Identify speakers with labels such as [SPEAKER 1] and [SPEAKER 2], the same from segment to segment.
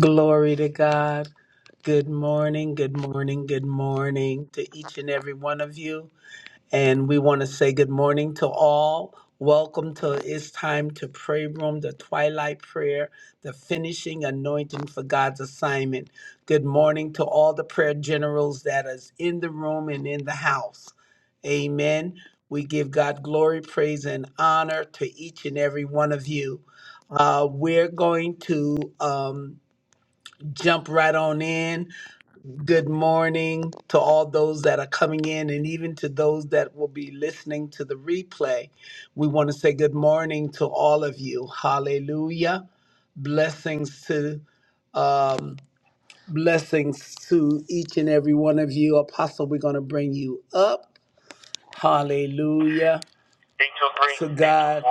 [SPEAKER 1] Glory to God. Good morning, good morning, good morning to each and every one of you. And we want to say good morning to all. Welcome to It's Time to Pray Room, the Twilight Prayer, the finishing anointing for God's assignment. Good morning to all the prayer generals that is in the room and in the house. Amen. We give God glory, praise, and honor to each and every one of you. Uh, we're going to. Um, jump right on in. Good morning to all those that are coming in and even to those that will be listening to the replay. We want to say good morning to all of you. Hallelujah. Blessings to um blessings to each and every one of you. Apostle, we're going to bring you up. Hallelujah. To God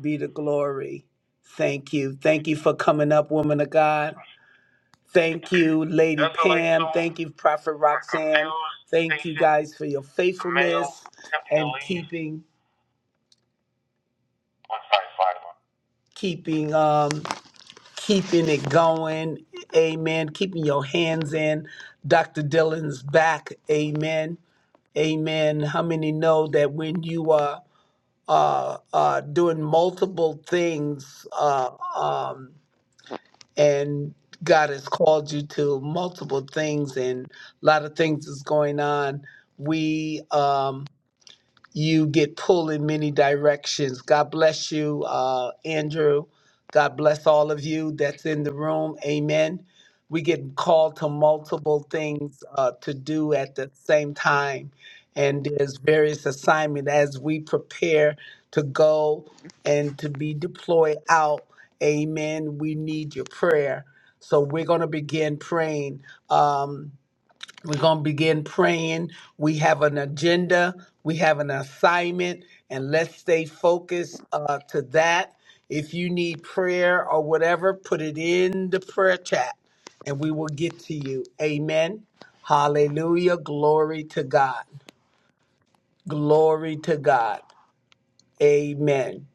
[SPEAKER 1] be the glory. Thank you. Thank you for coming up, woman of God. Thank you, Lady Pam. Thank you, Prophet Roxanne. Thank you guys for your faithfulness and keeping keeping um keeping it going. Amen. Keeping your hands in. Dr. Dylan's back. Amen. Amen. How many know that when you are uh, uh, doing multiple things. Uh, um, and God has called you to multiple things and a lot of things is going on. We um you get pulled in many directions. God bless you, uh, Andrew. God bless all of you that's in the room. Amen. We get called to multiple things uh, to do at the same time. And there's various assignment as we prepare to go and to be deployed out. Amen. We need your prayer. So we're going to begin praying. Um, we're going to begin praying. We have an agenda, we have an assignment, and let's stay focused uh, to that. If you need prayer or whatever, put it in the prayer chat and we will get to you. Amen. Hallelujah. Glory to God. Glory to God. Amen.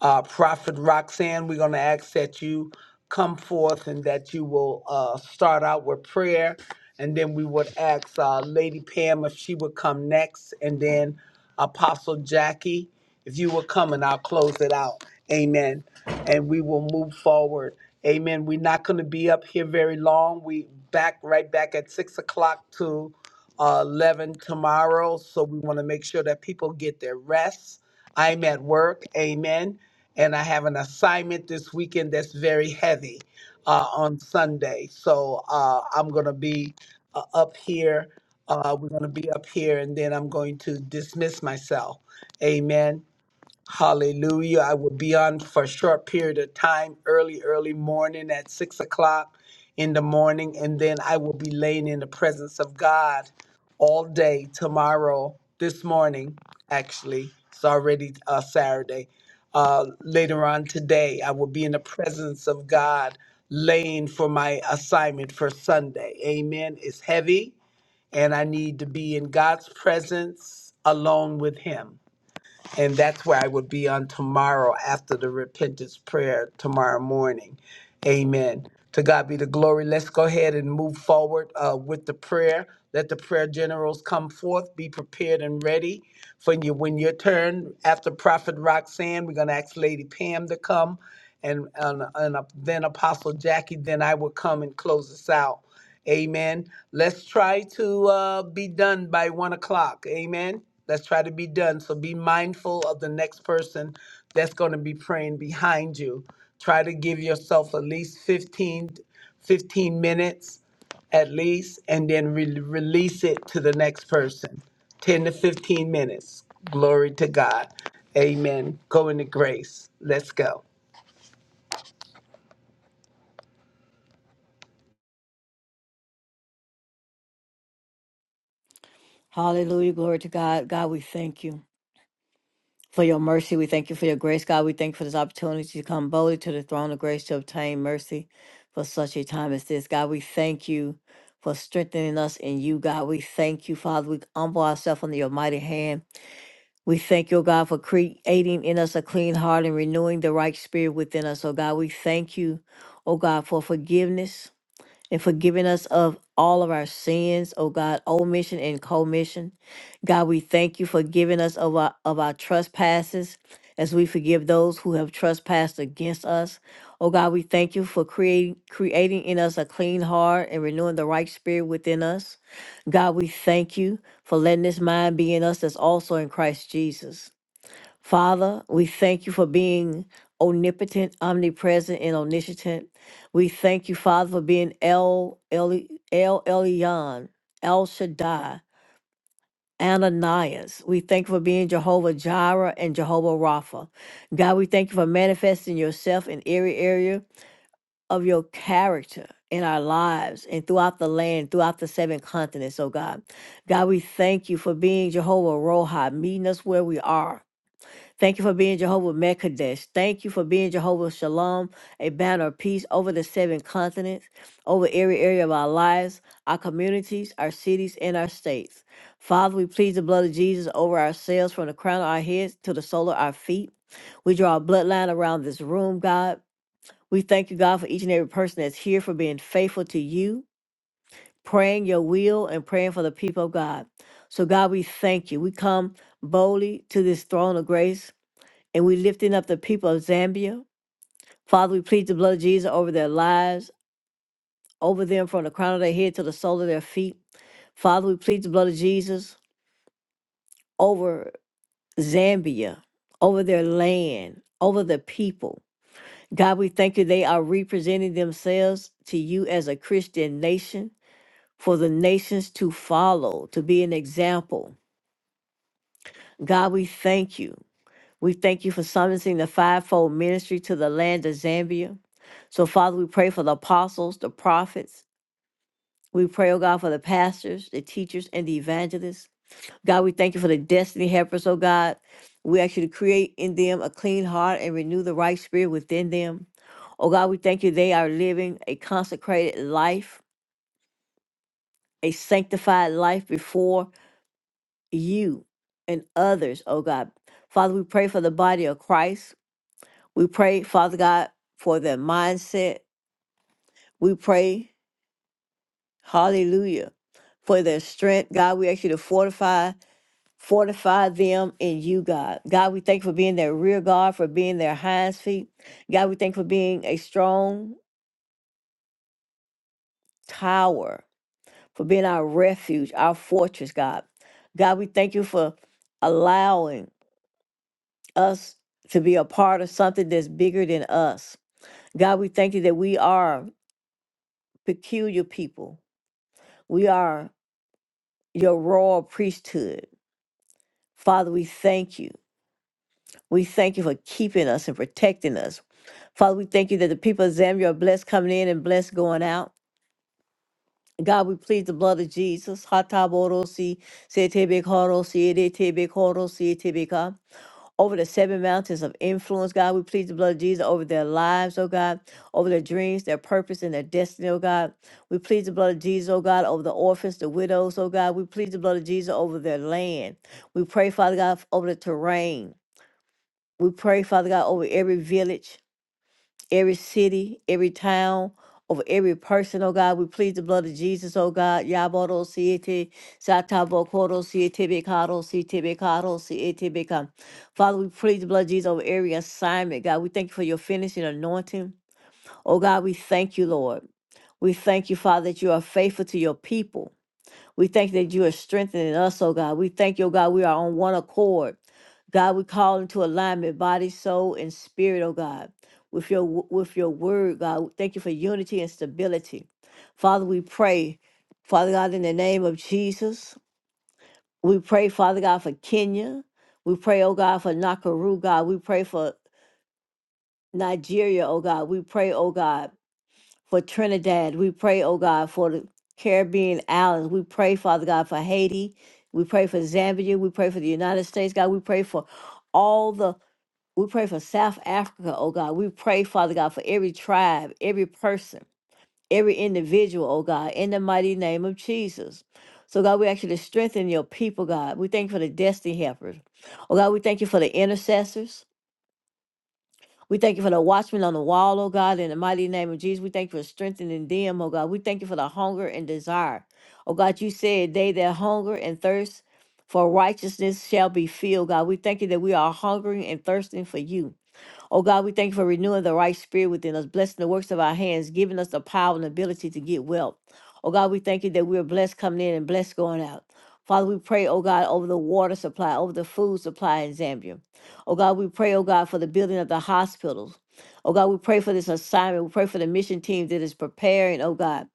[SPEAKER 1] Uh, Prophet Roxanne, we're going to ask that you come forth and that you will uh, start out with prayer. And then we would ask uh, Lady Pam if she would come next. And then Apostle Jackie, if you would come and I'll close it out. Amen. And we will move forward. Amen. We're not going to be up here very long. We back right back at six o'clock to uh, 11 tomorrow. So we want to make sure that people get their rest I'm at work, amen, and I have an assignment this weekend that's very heavy uh, on Sunday. So uh, I'm going to be uh, up here. Uh, we're going to be up here, and then I'm going to dismiss myself, amen. Hallelujah. I will be on for a short period of time, early, early morning at six o'clock in the morning, and then I will be laying in the presence of God all day tomorrow, this morning, actually. It's already uh, Saturday. Uh, later on today, I will be in the presence of God laying for my assignment for Sunday. Amen. It's heavy, and I need to be in God's presence alone with Him and that's where I would be on tomorrow after the repentance prayer tomorrow morning. Amen. To God be the glory. Let's go ahead and move forward uh, with the prayer. Let the prayer generals come forth. Be prepared and ready for you when your turn. After Prophet Roxanne, we're going to ask Lady Pam to come, and, and, and uh, then Apostle Jackie. Then I will come and close us out. Amen. Let's try to uh, be done by one o'clock. Amen. Let's try to be done. So be mindful of the next person that's going to be praying behind you. Try to give yourself at least 15, 15 minutes at least, and then re- release it to the next person. 10 to 15 minutes. Glory to God. Amen. Go into grace. Let's go.
[SPEAKER 2] Hallelujah. Glory to God. God, we thank you for your mercy. We thank you for your grace. God, we thank you for this opportunity to come boldly to the throne of grace to obtain mercy for such a time as this. God, we thank you for strengthening us in you. God, we thank you, Father. We humble ourselves under your mighty hand. We thank you, O God, for creating in us a clean heart and renewing the right spirit within us. Oh God, we thank you, oh God, for forgiveness and forgiving us of all of our sins, oh God, omission and commission. God, we thank you for giving us of our of our trespasses as we forgive those who have trespassed against us. Oh God, we thank you for creating creating in us a clean heart and renewing the right spirit within us. God, we thank you for letting this mind be in us that's also in Christ Jesus. Father, we thank you for being omnipotent, omnipresent, and omniscient. We thank you, Father, for being El El El Elyon, El Shaddai, Ananias. We thank you for being Jehovah Jireh and Jehovah Rapha. God, we thank you for manifesting yourself in every area of your character in our lives and throughout the land, throughout the seven continents, oh God. God, we thank you for being Jehovah Rohi, meeting us where we are Thank you for being Jehovah Mekadesh. Thank you for being Jehovah Shalom, a banner of peace over the seven continents, over every area of our lives, our communities, our cities, and our states. Father, we plead the blood of Jesus over ourselves from the crown of our heads to the sole of our feet. We draw a bloodline around this room, God. We thank you, God, for each and every person that's here for being faithful to you, praying your will, and praying for the people of God. So, God, we thank you. We come boldly to this throne of grace and we lifting up the people of Zambia. Father, we plead the blood of Jesus over their lives, over them from the crown of their head to the sole of their feet. Father, we plead the blood of Jesus over Zambia, over their land, over the people. God, we thank you they are representing themselves to you as a Christian nation for the nations to follow, to be an example. God, we thank you. We thank you for summoning the fivefold ministry to the land of Zambia. So, Father, we pray for the apostles, the prophets. We pray, oh God, for the pastors, the teachers, and the evangelists. God, we thank you for the destiny helpers, oh God. We ask you to create in them a clean heart and renew the right spirit within them. Oh God, we thank you they are living a consecrated life, a sanctified life before you and others, oh God. Father, we pray for the body of Christ. We pray, Father God, for their mindset. We pray, hallelujah, for their strength. God, we ask you to fortify, fortify them in you, God. God, we thank you for being their rear guard, for being their hinds feet. God, we thank you for being a strong tower, for being our refuge, our fortress, God. God, we thank you for allowing us to be a part of something that's bigger than us. God, we thank you that we are peculiar people. We are your royal priesthood. Father, we thank you. We thank you for keeping us and protecting us. Father, we thank you that the people of Zambia are blessed coming in and blessed going out. God, we plead the blood of Jesus. Hataborosi, setebekorosi, edetebekorosi, etebeka. over the seven mountains of influence, God. We plead the blood of Jesus over their lives, oh God, over their dreams, their purpose, and their destiny, oh God. We plead the blood of Jesus, oh God, over the orphans, the widows, oh God. We plead the blood of Jesus over their land. We pray, Father God, over the terrain. We pray, Father God, over every village every city, every town, over every person, oh God. We plead the blood of Jesus, oh God. Yaboro siete, satabo koro siete bekaro siete bekaro siete bekam. Father, we plead the blood of Jesus over every assignment, God. We thank you for your finishing anointing. Oh God, we thank you, Lord. We thank you, Father, that you are faithful to your people. We thank that you are strengthening us, oh God. We thank you, oh God, we are on one accord. God, we call into alignment, body, soul, and spirit, oh God, with your w- with your word, God. Thank you for unity and stability. Father, we pray, Father God, in the name of Jesus. We pray, Father God, for Kenya. We pray, oh God, for Nakuru, God. We pray for Nigeria, oh God. We pray, oh God for Trinidad. We pray, oh God, for the Caribbean islands. We pray, Father God, for Haiti. We pray for Zambia. We pray for the United States, God. We pray for all the, we pray for South Africa, oh God. We pray, Father God, for every tribe, every person, every individual, oh God, in the mighty name of Jesus. So, God, we actually strengthen your people, God. We thank you for the destiny helpers. Oh, God, we thank you for the intercessors. We thank you for the watchman on the wall, oh God, in the mighty name of Jesus. We thank you for strengthening them, oh God. We thank you for the hunger and desire. Oh God, you said they that hunger and thirst for righteousness shall be filled, God. We thank you that we are hungering and thirsting for you. Oh God, we thank you for renewing the right spirit within us, blessing the works of our hands, giving us the power and ability to get wealth. Oh God, we thank you that we are blessed coming in and blessed going out. Father, we pray, oh God, over the water supply, over the food supply in Zambia. Oh God, we pray, oh God, for the building of the hospitals. Oh God, we pray for this assignment. We pray for the mission team that is preparing, oh God,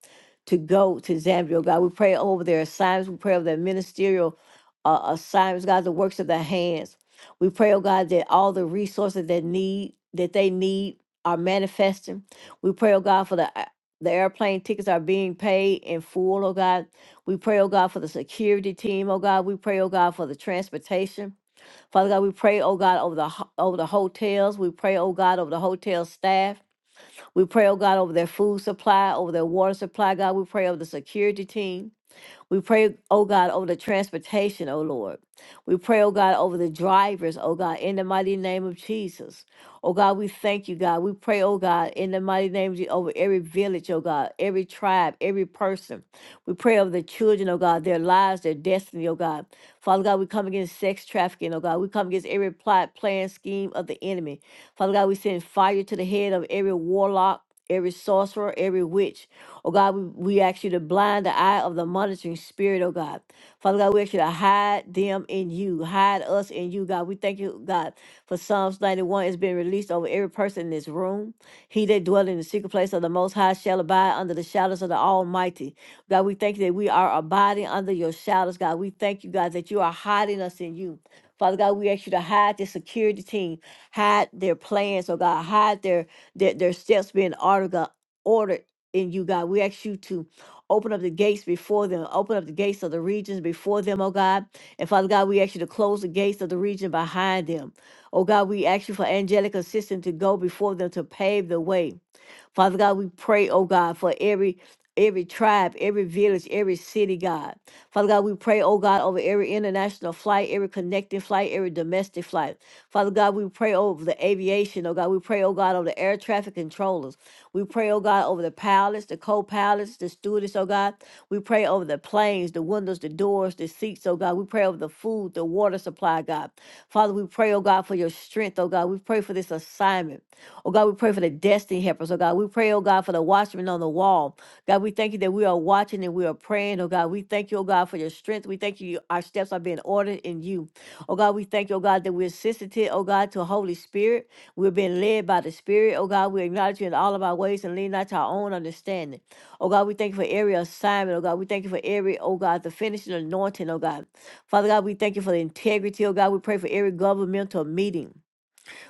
[SPEAKER 2] to go to Zambia. Oh God, we pray over their assignments. We pray over their ministerial uh, assignments, God, the works of their hands. We pray, oh God, that all the resources that need that they need are manifesting. We pray, oh God, for the uh, the airplane tickets are being paid in full, oh God. We pray, oh God, for the security team, oh God. We pray, oh God, for the transportation. Father God, we pray, oh God, over the ho- over the hotels. We pray, oh God, over the hotel staff. We pray, oh God, over their food supply, over their water supply, God. We pray over the security team. We pray, oh God, over the transportation, oh Lord. We pray, oh God, over the drivers, oh God, in the mighty name of Jesus. Oh God, we thank you, God. We pray, oh God, in the mighty name of Jesus, over every village, oh God, every tribe, every person. We pray over the children, oh God, their lives, their destiny, oh God. Father God, we come against sex trafficking, oh God. We come against every plot, plan, scheme of the enemy. Father God, we send fire to the head of every warlock, every sorcerer, every witch. Oh God, we, we ask you to blind the eye of the monitoring spirit, oh God. Father God, we ask you to hide them in you, hide us in you, God. We thank you, God, for Psalms 91 is being released over every person in this room. He that dwell in the secret place of the Most High shall abide under the shadows of the Almighty. God, we thank you that we are abiding under your shadows, God. We thank you, God, that you are hiding us in you. Father God, we ask you to hide the security team, hide their plans, oh God, hide their their, their steps being ordered, God, ordered in you, God. We ask you to open up the gates before them, open up the gates of the regions before them, oh God. And Father God, we ask you to close the gates of the region behind them. Oh God, we ask you for angelic assistance to go before them to pave the way. Father God, we pray, oh God, for every every tribe, every village, every city, God. Father God, we pray, oh God, over every international flight, every connecting flight, every domestic flight. Father God, we pray over the aviation, oh God. We pray, oh God, over the air traffic controllers. We pray, oh God, over the pilots, the co-pilots, the stewardess, oh God. We pray over the planes, the windows, the doors, the seats, oh God. We pray over the food, the water supply, God. Father, we pray, oh God, for your strength, oh God. We pray for this assignment. Oh God, we pray for the destiny helpers. Oh God, we pray, oh God, for the watchmen on the wall. God, we thank you that we are watching and we are praying. Oh God, we thank you, oh God, for your strength. We thank you, our steps are being ordered in you. Oh God, we thank you, oh God, that we're sensitive, oh God, to Holy Spirit. We're being led by the Spirit. Oh God, we acknowledge you in all of our ways and lean not to our own understanding. Oh God, we thank you for every assignment. Oh God, we thank you for every, oh God, the finishing anointing, oh God. Father God, we thank you for the integrity. Oh God, we pray for every governmental meeting.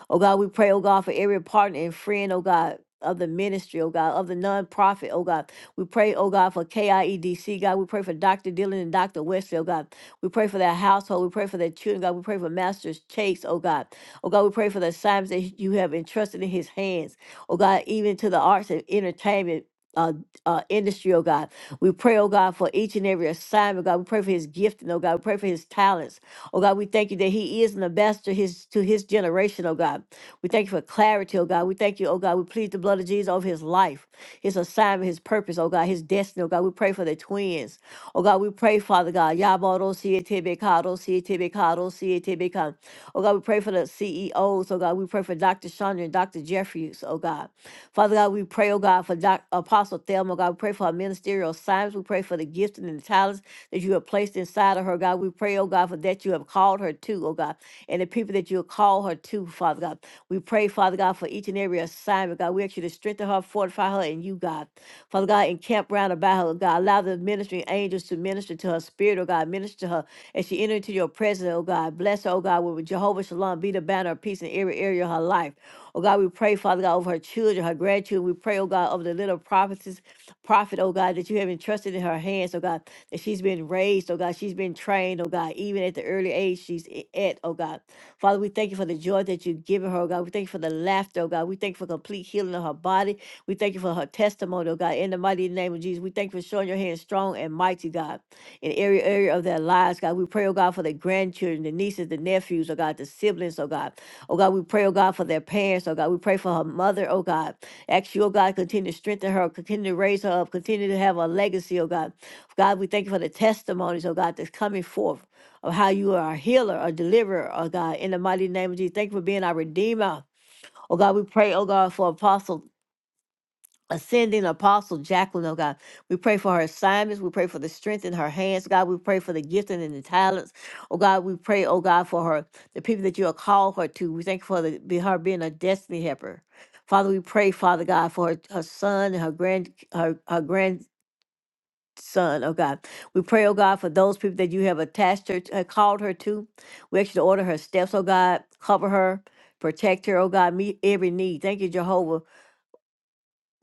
[SPEAKER 2] Oh God, we pray, oh God, for every partner and friend, oh God. Of the ministry, oh God, of the nonprofit, oh God. We pray, oh God, for KIEDC, God. We pray for Dr. Dillon and Dr. Wesley, oh God. We pray for their household. We pray for their children, God. We pray for Master's Chase, oh God. Oh God, we pray for the assignments that you have entrusted in his hands. Oh God, even to the arts and entertainment. Uh, uh, industry, oh God. We pray, oh God, for each and every assignment, God. We pray for his gifting, oh God. We pray for his talents. Oh God, we thank you that He is an ambassador his to his generation, oh God. We thank you for clarity, oh God. We thank you, oh God. We plead the blood of Jesus over his life, his assignment, his purpose, oh God, his destiny, oh God. We pray for the twins. Oh God, we pray, Father God. Yabaro siete bekado siete bekado CATBCOM. Oh God, we pray for the CEOs. Oh God, we pray for Dr. Chandra and Dr. Jeffries. Oh God. Father God, we pray, oh God, for Doc, Apostle Thelma. Oh God, we pray for her ministerial assignments. We pray for the gifts and the talents that you have placed inside of her, God. We pray, oh God, for that you have called her to, oh God, and the people that you have called her to, Father God. We pray, Father God, for each and every assignment, God. We ask you to strengthen her, fortify her, and you, God. Father God, encamp round about her, God. Allow the ministering angels to minister to her spirit, oh God. Minister to her as she enters into your presence, oh God. Bless her, oh God, with Jehovah Shalom. Be the banner of peace in every area of her life. Oh God, we pray, Father God, over her children, her grandchildren. We pray, oh God, over the little prophetess, prophet, oh God, that you have entrusted in her hands, oh God, that she's been raised, oh God, she's been trained, oh God, even at the early age she's i- at, oh God. Father, we thank you for the joy that you've given her, oh God. We thank you for the laughter, oh God. We thank you for complete healing of her body. We thank you for her testimony, oh God, in the mighty name of Jesus. We thank you for showing your hand strong and mighty, God, in every area of their lives, God. We pray, oh God, for the grandchildren, the nieces, the nephews, oh God, the siblings, oh God. Oh God, we pray, oh God, for their parents, oh God. We pray for her mother, oh God. Ask you, oh God, continue to strengthen her, continue to raise her up, continue to have a legacy, oh God. God, we thank you for the testimonies, oh God, that's coming forth of how you are a healer, a deliverer, oh God, in the mighty name of Jesus. Thank you for being our redeemer. Oh God, we pray, oh God, for Apostle ascending apostle Jacqueline, oh God. We pray for her assignments. We pray for the strength in her hands, God. We pray for the gifting and the talents. Oh God, we pray, oh God, for her, the people that you have called her to. We thank you for the, be- her being a destiny helper. Father, we pray, Father God, for her, her son and her grand her, her grandson, oh God. We pray, oh God, for those people that you have attached her, to- uh, called her to. We ask you to order her steps, oh God, cover her, protect her, oh God, meet every need. Thank you, Jehovah,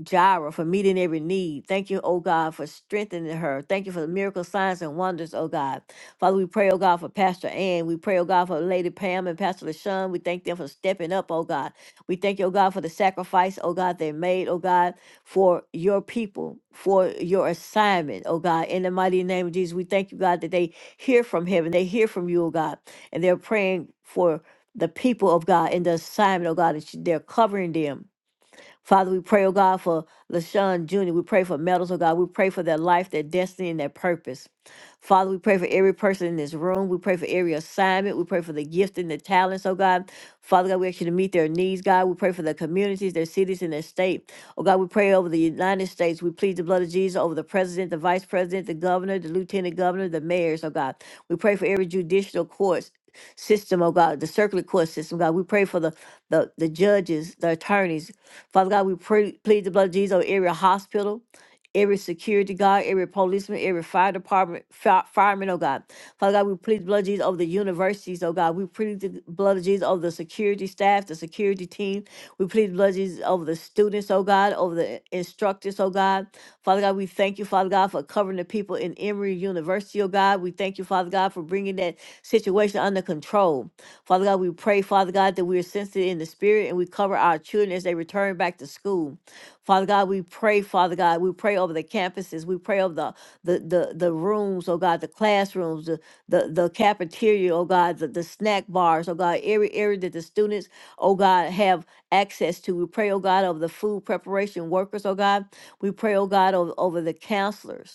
[SPEAKER 2] Jireh, for meeting every need. Thank you, oh God, for strengthening her. Thank you for the miracle signs and wonders, oh God. Father, we pray, oh God, for Pastor Ann. We pray, oh God, for Lady Pam and Pastor LaShawn. We thank them for stepping up, oh God. We thank you, oh God, for the sacrifice, oh God, they made, oh God, for your people, for your assignment, oh God. In the mighty name of Jesus, we thank you, God, that they hear from heaven. They hear from you, oh God, and they're praying for the people of God and the assignment, oh God, that you- they're covering them. Father, we pray, oh God, for LaShawn Jr. We pray for Metals, oh God. We pray for their life, their destiny, and their purpose. Father, we pray for every person in this room. We pray for every assignment. We pray for the gift and the talents, oh God. Father God, we ask you to meet their needs, God. We pray for their communities, their cities, and their state. Oh God, we pray over the United States. We plead the blood of Jesus over the president, the vice president, the governor, the lieutenant governor, the mayors, oh God. We pray for every judicial court system, oh God, the circular court system, God. We pray for the the, the judges, the attorneys. Father God, we pray, plead the blood of Jesus over every hospital every security guard, every policeman, every fire department, fi- fireman, oh God. Father God, we plead the blood of Jesus over the universities, oh God. We plead the blood of Jesus over the security staff, the security team. We plead the blood of Jesus over the students, oh God, over the instructors, oh God. Father God, we thank you, Father God, for covering the people in Emory University, oh God. We thank you, Father God, for bringing that situation under control. Father God, we pray, Father God, that we are sensitive in the spirit and we cover our children as they return back to school. Father God, we pray, Father God, we pray over the campuses, we pray over the the the, the rooms, oh God, the classrooms, the the, the cafeteria, oh God, the, the snack bars, oh God, every area that the students, oh God, have access to. We pray, oh God, over the food preparation workers, oh God. We pray, oh God, over, over the counselors.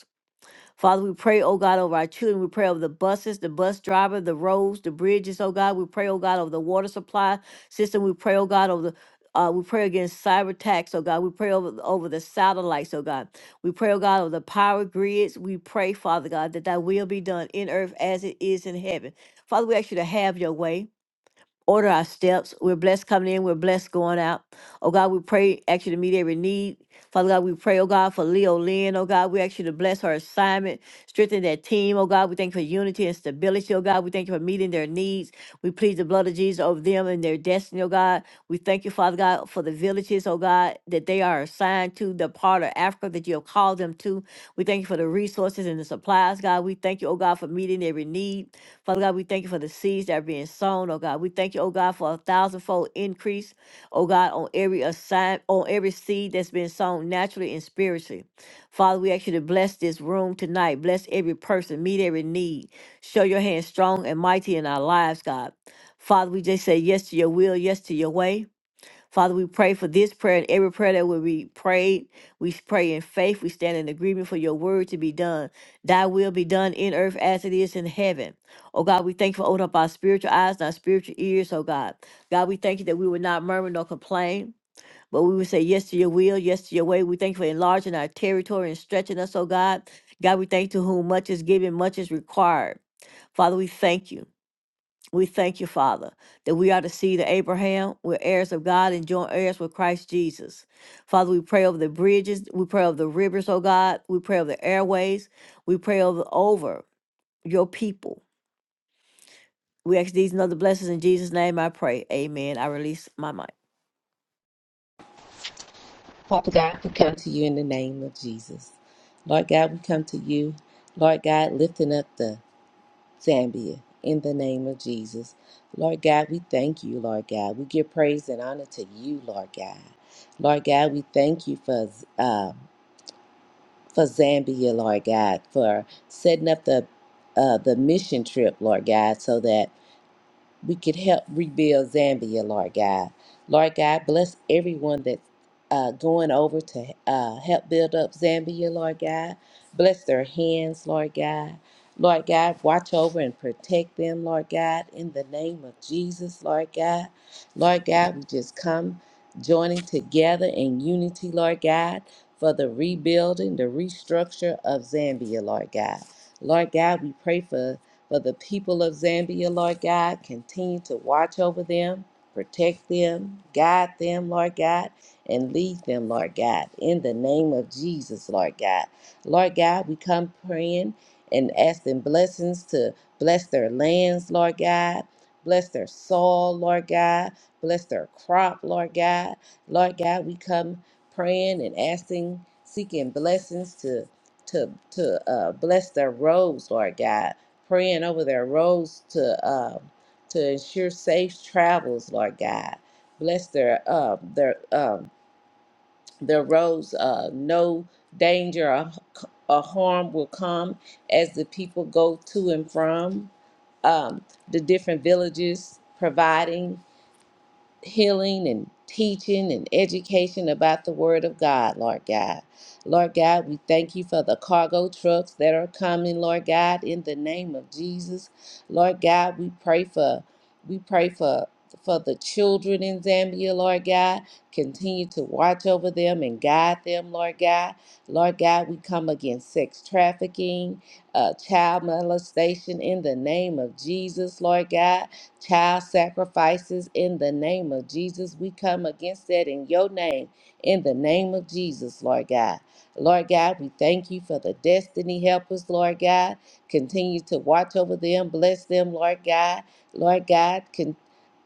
[SPEAKER 2] Father, we pray, oh God, over our children. We pray over the buses, the bus driver, the roads, the bridges, oh God. We pray, oh God, over the water supply system. We pray, oh God, over the uh, we pray against cyber attacks, oh God. We pray over, over the satellites, oh God. We pray, oh God, over the power grids. We pray, Father God, that thy will be done in earth as it is in heaven. Father, we ask you to have your way. Order our steps. We're blessed coming in. We're blessed going out. Oh God, we pray, ask you to meet every need. Father God, we pray, oh God, for Leo Lynn. Oh God, we ask you to bless her assignment, strengthen that team. Oh God, we thank you for unity and stability. Oh God, we thank you for meeting their needs. We plead the blood of Jesus over them and their destiny, oh God. We thank you, Father God, for the villages, oh God, that they are assigned to, the part of Africa that you have called them to. We thank you for the resources and the supplies, God. We thank you, oh God, for meeting every need. Father God, we thank you for the seeds that are being sown, oh God. We thank you, oh God, for a thousandfold increase, oh God, on every assign on every seed that's been sown naturally and spiritually. Father, we ask you to bless this room tonight. Bless every person, meet every need. Show your hand strong and mighty in our lives, God. Father, we just say yes to your will, yes to your way. Father, we pray for this prayer and every prayer that will be prayed. We pray in faith. We stand in agreement for your word to be done. Thy will be done in earth as it is in heaven. Oh God, we thank you for opening up our spiritual eyes and our spiritual ears, oh God. God, we thank you that we would not murmur nor complain, but we would say yes to your will, yes to your way. We thank you for enlarging our territory and stretching us, oh God. God, we thank you to whom much is given, much is required. Father, we thank you. We thank you, Father, that we are the seed of Abraham. We're heirs of God and joint heirs with Christ Jesus. Father, we pray over the bridges. We pray over the rivers, oh God. We pray over the airways. We pray over, over your people. We ask these and other blessings in Jesus' name. I pray. Amen. I release my mic.
[SPEAKER 3] Father God, we come to you in the name of Jesus. Lord God, we come to you. Lord God, lifting up the Zambia in the name of Jesus. Lord God, we thank you, Lord God. We give praise and honor to you, Lord God. Lord God, we thank you for uh, for Zambia, Lord God, for setting up the uh, the mission trip, Lord God, so that we could help rebuild Zambia, Lord God. Lord God, bless everyone that's uh, going over to uh, help build up Zambia, Lord God. Bless their hands, Lord God. Lord God, watch over and protect them, Lord God, in the name of Jesus, Lord God. Lord God, we just come joining together in unity, Lord God, for the rebuilding, the restructure of Zambia, Lord God. Lord God, we pray for for the people of Zambia, Lord God. Continue to watch over them, protect them, guide them, Lord God, and lead them, Lord God, in the name of Jesus, Lord God. Lord God, we come praying and asking blessings to bless their lands, Lord God. Bless their soil, Lord God. Bless their crop, Lord God. Lord God, we come praying and asking, seeking blessings to to to uh, bless their roads, Lord God praying over their roads to um, to ensure safe travels, Lord God. Bless their um, their um, their roads. Uh, no danger or, or harm will come as the people go to and from um, the different villages, providing healing and teaching and education about the Word of God, Lord God. Lord God, we thank you for the cargo trucks that are coming, Lord God, in the name of Jesus. Lord God, we pray for we pray for for the children in Zambia, Lord God, continue to watch over them and guide them, Lord God. Lord God, we come against sex trafficking, uh, child molestation in the name of Jesus, Lord God child sacrifices in the name of Jesus. We come against that in your name, in the name of Jesus, Lord God. Lord God, we thank you for the destiny helpers, Lord God. Continue to watch over them, bless them, Lord God. Lord God, con-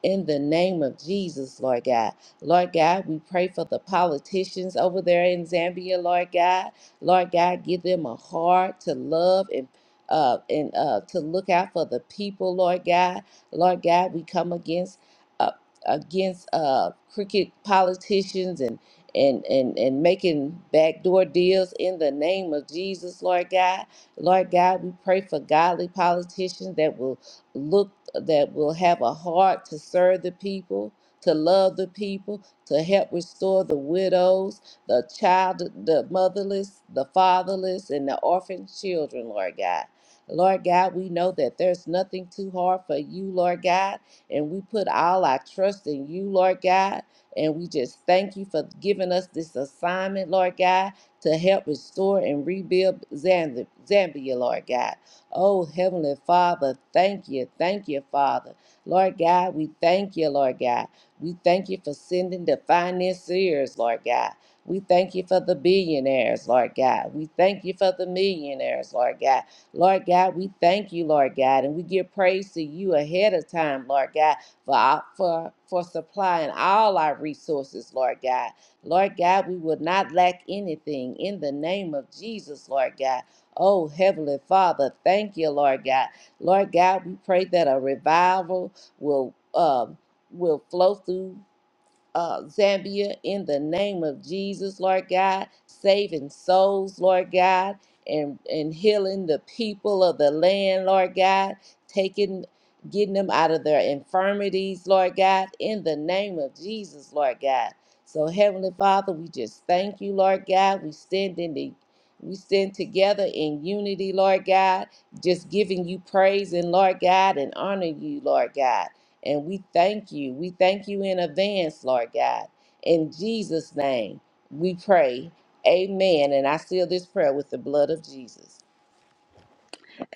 [SPEAKER 3] in the name of Jesus, Lord God. Lord God, we pray for the politicians over there in Zambia, Lord God. Lord God, give them a heart to love and uh, and uh, to look out for the people, Lord God. Lord God, we come against uh, against uh, crooked politicians and and and and making backdoor deals in the name of Jesus, Lord God. Lord God, we pray for godly politicians that will look that will have a heart to serve the people, to love the people, to help restore the widows, the child, the motherless, the fatherless, and the orphan children, Lord God. Lord God, we know that there's nothing too hard for you, Lord God, and we put all our trust in you, Lord God. And we just thank you for giving us this assignment, Lord God, to help restore and rebuild Zamb- Zambia, Lord God. Oh, Heavenly Father, thank you. Thank you, Father. Lord God, we thank you, Lord God. We thank you for sending the financiers, Lord God. We thank you for the billionaires, Lord God. We thank you for the millionaires, Lord God. Lord God, we thank you, Lord God, and we give praise to you ahead of time, Lord God, for our, for for supplying all our resources, Lord God. Lord God, we will not lack anything in the name of Jesus, Lord God. Oh, Heavenly Father, thank you, Lord God. Lord God, we pray that a revival will um will flow through uh, Zambia in the name of Jesus, Lord God, saving souls, Lord God, and, and healing the people of the land, Lord God, taking getting them out of their infirmities, Lord God, in the name of Jesus, Lord God. So Heavenly Father, we just thank you, Lord God. We stand in the we stand together in unity, Lord God, just giving you praise and Lord God and honor you, Lord God. And we thank you. We thank you in advance, Lord God. In Jesus' name, we pray. Amen. And I seal this prayer with the blood of Jesus.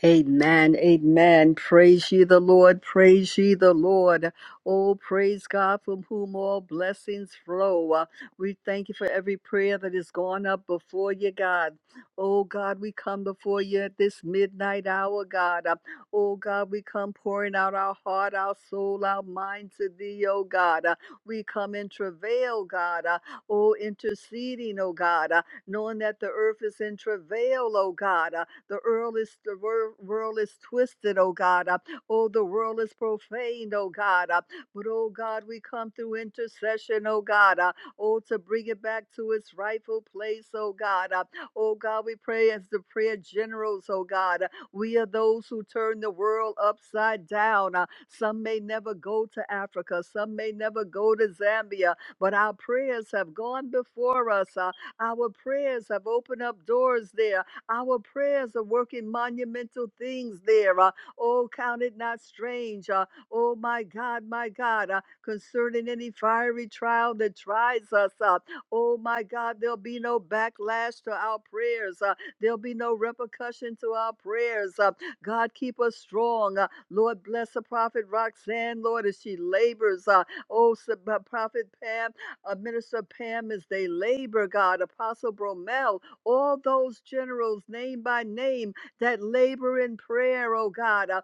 [SPEAKER 4] Amen. Amen. Praise ye the Lord. Praise ye the Lord. Oh, praise God from whom all blessings flow. Uh, We thank you for every prayer that has gone up before you, God. Oh, God, we come before you at this midnight hour, God. Uh, Oh, God, we come pouring out our heart, our soul, our mind to thee, oh, God. Uh, We come in travail, God. Uh, Oh, interceding, oh, God. Uh, Knowing that the earth is in travail, oh, God. Uh, the world is the wor- world is twisted, oh God. Uh, oh, the world is profaned, oh God. Uh, but oh God, we come through intercession, oh God. Uh, oh, to bring it back to its rightful place, oh God. Uh, oh God, we pray as the prayer generals, oh God. Uh, we are those who turn the world upside down. Uh, some may never go to Africa, some may never go to Zambia, but our prayers have gone before us. Uh, our prayers have opened up doors there. Our prayers are working monumental things there. Uh, oh, count it not strange. Uh, oh, my God, my God, uh, concerning any fiery trial that tries us. Uh, oh, my God, there'll be no backlash to our prayers. Uh, there'll be no repercussion to our prayers. Uh, God, keep us strong. Uh, Lord, bless the prophet Roxanne, Lord, as she labors. Uh, oh, s- uh, prophet Pam, uh, minister Pam, as they labor, God, Apostle Bromel, all those generals, name by name, that labor in prayer, oh God. Uh,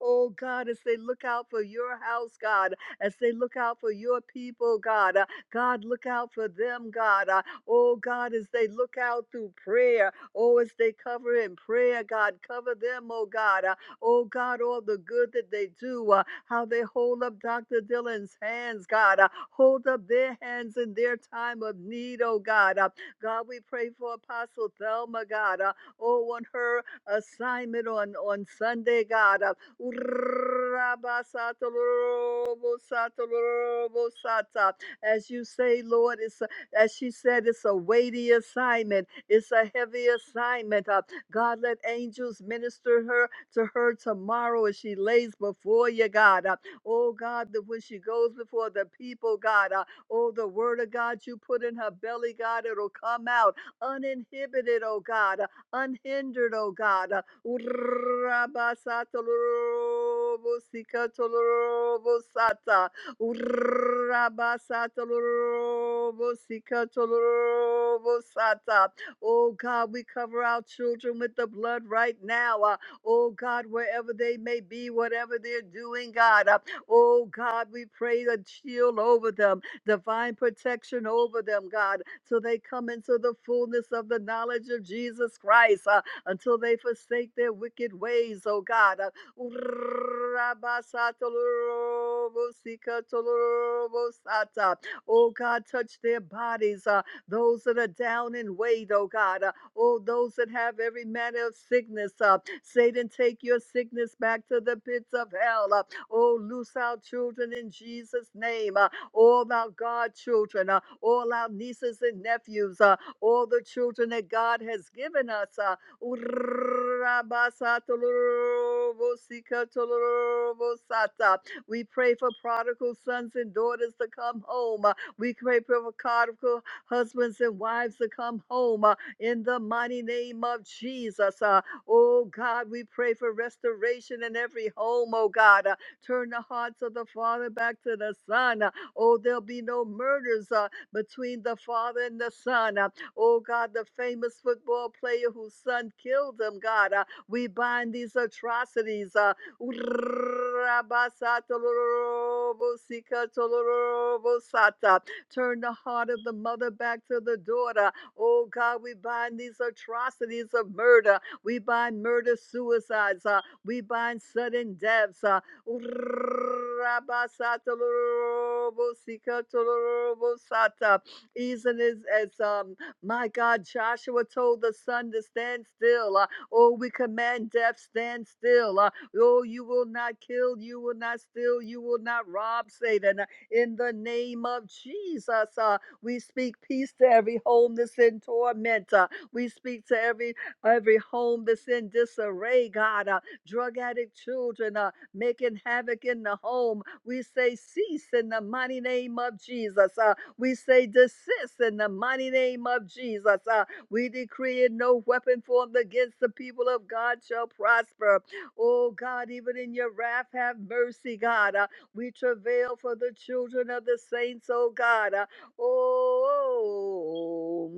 [SPEAKER 4] Oh God, as they look out for your house, God, as they look out for your people, God, uh, God, look out for them, God. Uh, Oh God, as they look out through prayer, oh, as they cover in prayer, God, cover them, oh God. uh, Oh God, all the good that they do, uh, how they hold up Dr. Dylan's hands, God. Uh, hold up their hands in their time of need, oh God. Uh, God, we pray for Apostle Thelma, God. Uh, oh, on her assignment on, on Sunday, God. Uh, as you say, Lord, it's a, as she said, it's a weighty assignment. It's a heavy assignment. Uh, God, let angels minister her to her tomorrow as she lays before you, God. Uh, oh, God, that when she goes before the people, God, uh, oh, the word of God you put in her belly, God, it'll come out uninhibited, oh, God, uh, unhindered, oh, God. Uh, Urrabasatalorobosikatolorobosata. Urrabasatalorobosikatolorobosata. Oh God, we cover our children with the blood right now. Uh, Oh God, wherever they may be, whatever they're doing, God. Uh, Oh God, we pray a shield over them, divine protection over them, God, till they come into the fullness of the knowledge of Jesus Christ, uh, until they forsake their wicked ways, oh God. Uh, Oh God, touch their bodies. uh, those that are down and weighed, oh God. Uh, oh, those that have every manner of sickness. Uh, Satan, take your sickness back to the pits of hell. Uh, oh, loose our children in Jesus' name. Uh, all our God children, uh, all our nieces and nephews, uh, all the children that God has given us. Uh, we pray for prodigal sons and daughters to come home. Uh, we pray for prodigal Husbands and wives to come home uh, in the mighty name of Jesus. Uh, oh God, we pray for restoration in every home, oh God. Uh, turn the hearts of the father back to the son. Uh, oh, there'll be no murders uh, between the father and the son. Uh, oh God, the famous football player whose son killed him, God. Uh, we bind these atrocities. Uh, Turn the heart of the mother back to the daughter. Oh God, we bind these atrocities of murder. We bind murder suicides. Uh, we bind sudden deaths. Uh, Even as, as um, my God, Joshua told the sun to stand still. Uh, oh, we command death, stand still. Uh, oh, you will not kill, you will not steal, you will not rob, Satan in the name of Jesus. Uh, we speak peace to every home that's in torment. Uh, we speak to every every home that's in disarray, God. Uh, drug addict children uh, making havoc in the home. We say cease in the mighty name of Jesus. Uh, we say desist in the mighty name of Jesus. Uh, we decree and no weapon formed against the people of God shall prosper. Oh God, even in your wrath, have mercy, God. Uh, we travail for the children of the saints, O God. Uh, Oh.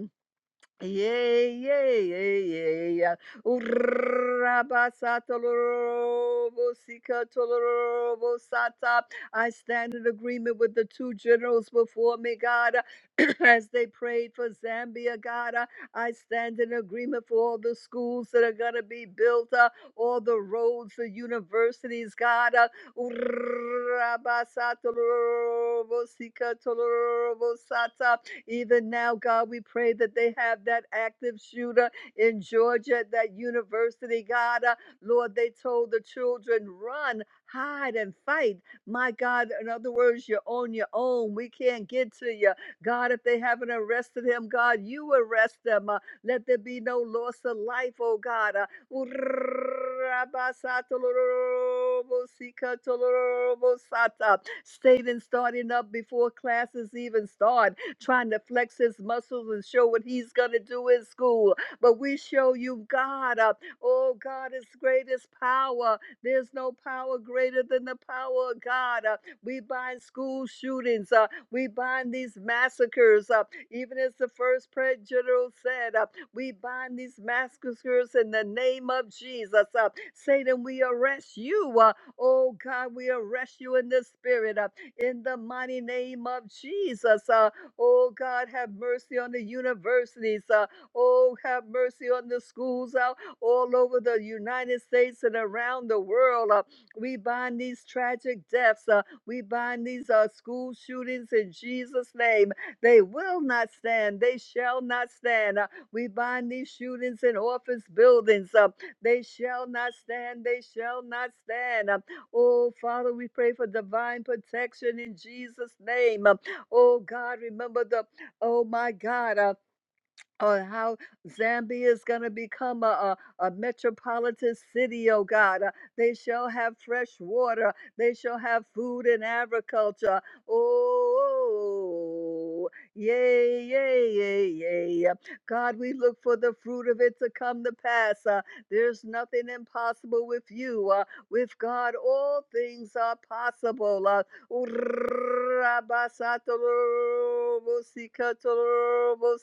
[SPEAKER 4] Yay, yay, yay, yay, yeah. Urrabasatalorobosikatalorobosata. I stand in agreement with the two generals before me, God, as they prayed for Zambia, God. uh, I stand in agreement for all the schools that are going to be built, uh, all the roads, the universities, God. uh, Urrabasatalorobosikatalorobosata. Even now, God, we pray that they have that active shooter in Georgia at that university, God. Uh, Lord, they told the children, run, hide, and fight. My God, in other words, you're on your own. We can't get to you. God, if they haven't arrested him, God, you arrest them. Uh, let there be no loss of life, oh God. Uh, Satan starting up before classes even start. trying to flex his muscles and show what he's going to do in school. But we show you God. Uh, oh, God is greatest power. There's no power greater than the power of God. Uh, we bind school shootings. Uh, we bind these massacres. Uh, even as the first prayer general said, uh, we bind these massacres in the name of Jesus. Uh, Satan, we arrest you. Uh, oh, God, we arrest you in the spirit. Uh, in the mighty name of Jesus. Uh, Oh God, have mercy on the universities. Uh, oh, have mercy on the schools out all over the United States and around the world. Uh, we bind these tragic deaths. Uh, we bind these uh, school shootings in Jesus' name. They will not stand. They shall not stand. Uh, we bind these shootings in office buildings. Uh, they shall not stand. They shall not stand. Uh, oh, Father, we pray for divine protection in Jesus' name. Uh, Oh God, remember the, oh my God, uh, or how Zambia is going to become a, a, a metropolitan city, oh God. Uh, they shall have fresh water. They shall have food and agriculture. Oh, yay, yay, yay, yay. Uh, God, we look for the fruit of it to come to pass. Uh, there's nothing impossible with you. Uh, with God, all things are possible.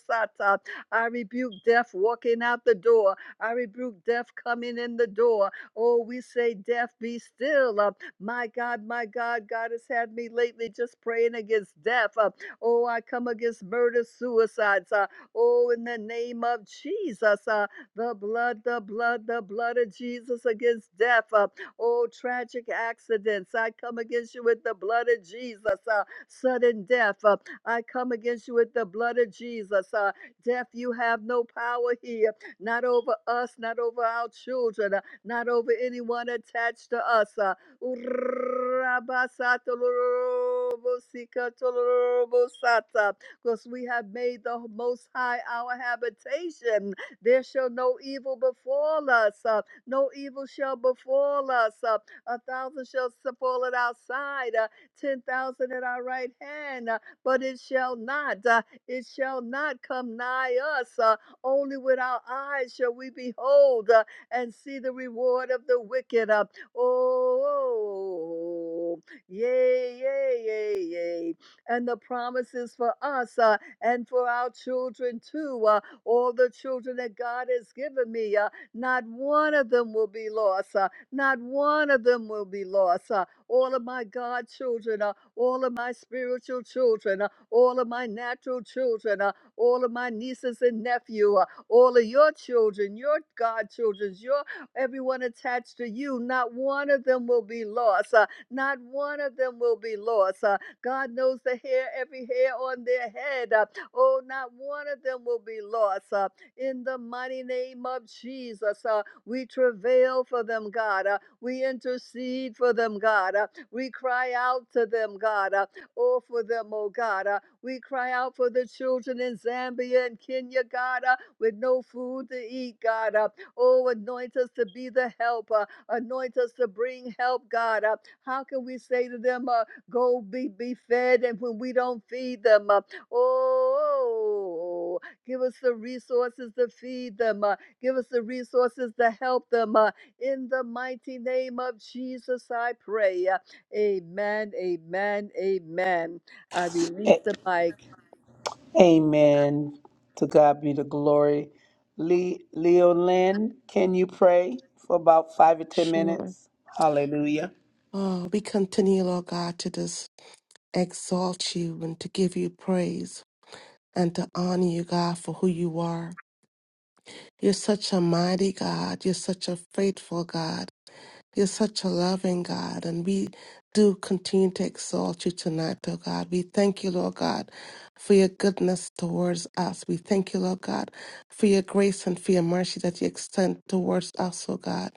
[SPEAKER 4] Uh, I rebuke death walking out the door. I rebuke death coming in the door. Oh, we say, Death, be still. Uh, my God, my God, God has had me lately just praying against death. Uh, oh, I come against murder, suicides. Uh, oh, in the name of Jesus, uh, the blood, the blood, the blood of Jesus against death. Uh, oh, tragic accidents. I come against you with the blood of Jesus. Uh, sudden death. Uh, I come against you with the blood of Jesus. Uh, Death, you have no power here, not over us, not over our children, uh, not over anyone attached to us. uh. Because we have made the Most High our habitation. There shall no evil befall us, uh, no evil shall befall us. uh. A thousand shall s- fall at our side, uh, 10,000 at our right hand, uh, but it shall not. Uh, it shall not come nigh us. Uh, only with our eyes shall we behold uh, and see the reward of the wicked. Uh, oh, yay, yay, yay, yay. And the promises for us uh, and for our children too. Uh, all the children that God has given me, uh, not one of them will be lost. Uh, not one of them will be lost. Uh, all of my God children, uh, all of my spiritual children, uh, all of my natural children, uh, all of my nieces and nephew, uh, all of your children, your God children, your everyone attached to you. Not one of them will be lost. uh, not one of them will be lost. uh, God knows the hair, every hair on their head. uh, oh, not one of them will be lost. uh, in the mighty name of Jesus, uh, we travail for them, God. uh, we intercede for them, God. Uh, We cry out to them, God. Uh, Oh, for them, oh God. Uh, We cry out for the children in Zambia and Kenya, God, uh, with no food to eat, God. Uh, Oh, anoint us to be the helper. Anoint us to bring help, God. Uh, How can we say to them, uh, go be, be fed, and when we don't feed them, uh, oh, give us the resources to feed them. uh, give us the resources to help them. uh, in the mighty name of Jesus, I pray. uh, Amen, amen, amen. I release the mic.
[SPEAKER 1] Amen. To God be the glory. Le- Leo Lynn, can you pray for about five or ten
[SPEAKER 5] Sure.
[SPEAKER 1] minutes? Hallelujah.
[SPEAKER 5] Oh, we continue, Lord God, to just exalt you and to give you praise and to honor you, God, for who you are. You're such a mighty God. You're such a faithful God. You're such a loving God. And we do continue to exalt you tonight, oh God. We thank you, Lord God, for your goodness towards us. We thank you, Lord God, for your grace and for your mercy that you extend towards us, oh God.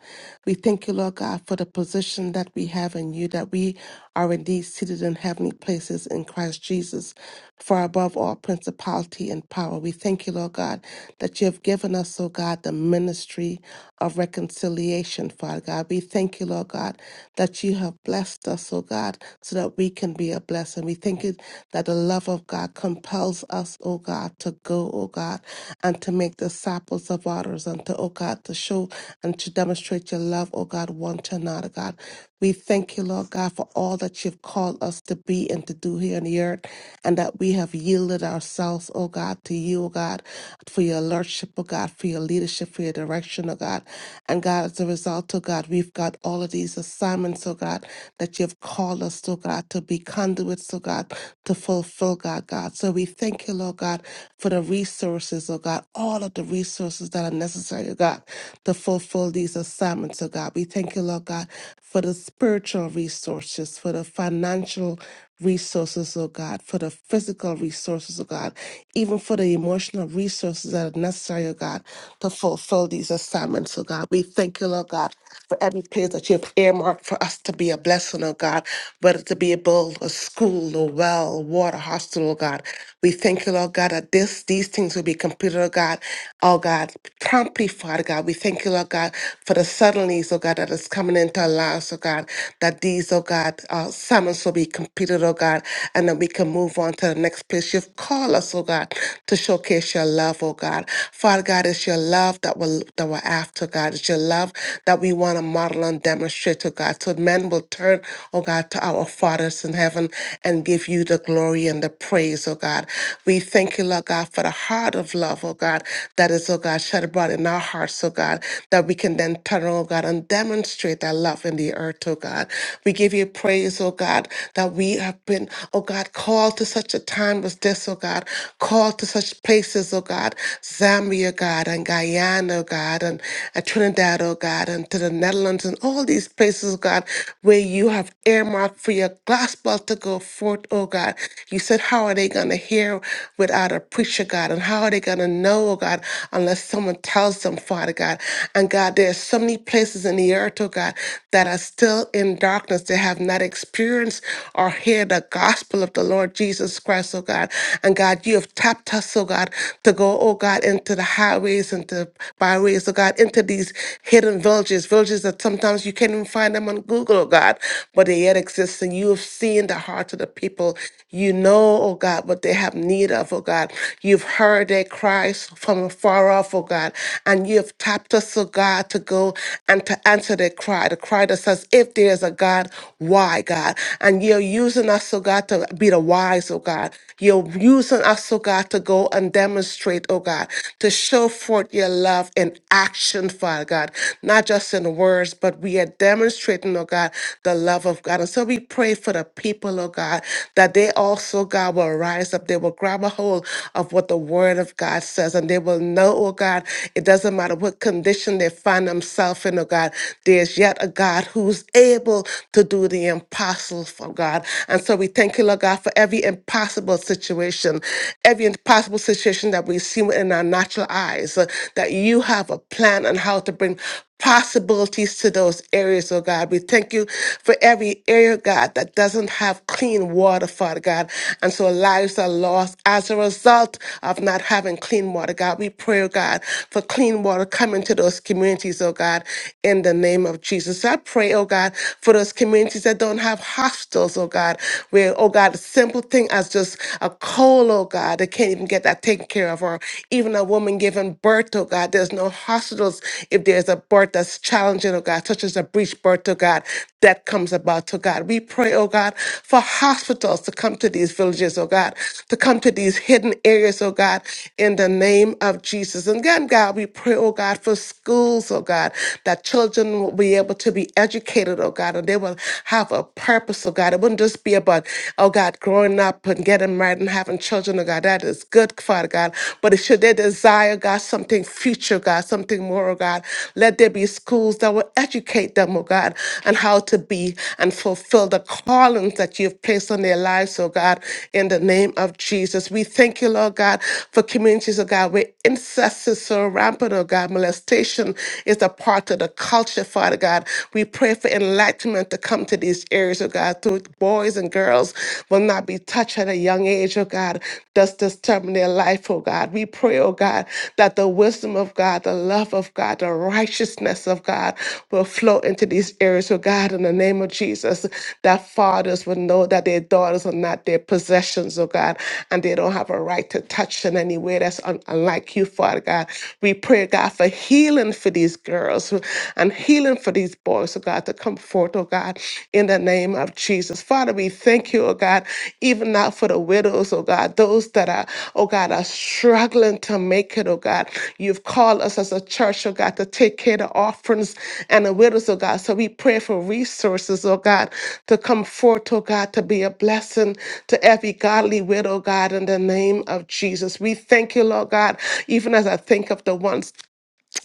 [SPEAKER 5] We thank you, Lord God, for the position that we have in you, that we are indeed seated in heavenly places in Christ Jesus, far above all principality and power. We thank you, Lord God, that you have given us, oh God, the ministry of reconciliation, Father God. We thank you, Lord God, that you have blessed us, oh God, so that we can be a blessing. We thank you that the love of God compels us, oh God, to go, oh God, and to make disciples of others, and to, oh God, to show and to demonstrate your love, oh God, one to another, God. We thank you, Lord God, for all that you've called us to be and to do here on the earth, and that we have yielded ourselves, oh God, to you, oh God, for your lordship, oh God, for your leadership, for your direction, oh God. And God, as a result, oh God, we've got all of these assignments, oh God, that you've called us, oh God, to be conduits, oh God, to fulfill, God, God. So we thank you, Lord God, for the resources, oh God, all of the resources that are necessary, oh God, to fulfill these assignments, oh God. We thank you, Lord God, for the spiritual resources, for the financial resources, oh God, for the physical resources, oh God, even for the emotional resources that are necessary, oh God, to fulfill these assignments, oh God. We thank you, Lord God, for every place that you have earmarked for us to be a blessing, oh God, whether to be a build a school, a well, water, hospital, oh God. We thank you, Lord God, that this these things will be completed, oh God, oh God, promptly, Father God. We thank you, Lord God, for the suddenlies, oh God, that is coming in represent our lives, oh God, that these, oh God, uh, summons will be completed, oh God, and that we can move on to the next place you've called us, oh God, to showcase your love, oh God. Father God, it's your love that we're, that we're after, God. It's your love that we want to model and demonstrate, oh God, so men will turn, oh God, to our fathers in heaven and give you the glory and the praise, oh God. We thank you, Lord God, for the heart of love, oh God, that is, oh God, shed abroad in our hearts, oh God, that we can then turn, oh God, and demonstrate demonstrate that love in the earth, oh God. We give you praise, oh God, that we have been, oh God, called to such a time as this, oh God, called to such places, oh God, Zambia, God, and Guyana, oh God, and uh, Trinidad, oh God, and to the Netherlands, and all these places, oh God, where you have earmarked for your gospel to go forth, oh God. You said, How are they going to hear without a preacher, God? And how are they going to know, oh God, unless someone tells them, Father God? And God, there are so many places in the the earth, oh God, that are still in darkness, that have not experienced or heard the gospel of the Lord Jesus Christ, oh God. And God, you have tapped us, oh God, to go, oh God, into the highways and the byways, oh God, into these hidden villages, villages that sometimes you can't even find them on Google, oh God, but they yet exist. And you have seen the hearts of the people. You know, oh God, what they have need of, oh God. You've heard their cries from afar off, oh God, and you have tapped us, oh God, to go and to answer their cry, the cry that says, if there is a God, why God? And you're using us, oh God, to be the wise, oh God. You're using us, oh God, to go and demonstrate, oh God, to show forth your love in action, Father God, not just in words, but we are demonstrating, oh God, the love of God. And so we pray for the people, oh God, that they also, God, will rise up. They will grab a hold of what the word of God says and they will know, oh God, it doesn't matter what condition they find themselves triumphant, oh God. There's yet a God who's able to do the impossible, oh God. And so we thank you, Lord God, for every impossible situation, every impossible situation that we see within our natural eyes, uh, that you have a plan on how to bring possibilities to those areas, oh God. We thank you for every area, God, that doesn't have clean water, Father God. And so lives are lost as a result of not having clean water, God. We pray, oh God, for clean water coming to those communities communities, oh God, in the name of Jesus. So I pray, oh God, for those communities that don't have hostels, oh God, where, oh God, a simple thing as just a cold, oh God, they can't even get that taken care of, or even a woman giving birth, oh God, there's no hospitals if there's a birth that's challenging, oh God, such as a breech birth, oh God, that comes about, oh God. We pray, oh God, for hospitals to come to these villages, oh God, to come to these hidden areas, oh God, in the name of Jesus. And again, God, we pray, oh God, for schools schools, oh God, that children will be able to be educated, oh God, and they will have a purpose, oh God. It wouldn't just be about, oh God, growing up and getting married and having children, oh God. That is good, Father God. But it should they desire, God, something future, God, something more, oh God, let there be schools that will educate them, oh God, and how to be and fulfill the callings that you've placed on their lives, oh God, in the name of Jesus. We thank you, Lord God, for communities, oh God, where incest is so rampant, oh God, molestation conversation is a part of the culture, Father God. We pray for enlightenment to come to these areas, oh God, so boys and girls will not be touched at a young age, oh God, thus disturbing their life, oh God. We pray, oh God, that the wisdom of God, the love of God, the righteousness of God will flow into these areas, oh God, in the name of Jesus, that fathers will know that their daughters are not their possessions, oh God, and they don't have a right to touch in any way that's un- unlike you, Father God. We pray, God, for God, healing for these girls and healing for these boys, oh God, to come forth, oh God, in the name of Jesus. Father, we thank you, oh God, even now for the widows, oh God, those that are, oh God, are struggling to make it, oh God. You've called us as a church, oh God, to take care of the orphans and the widows, oh God. So we pray for resources, oh God, to come forth, oh God, to be a blessing to every godly widow, oh God, in the name of Jesus. We thank you, Lord God, even as I think of the ones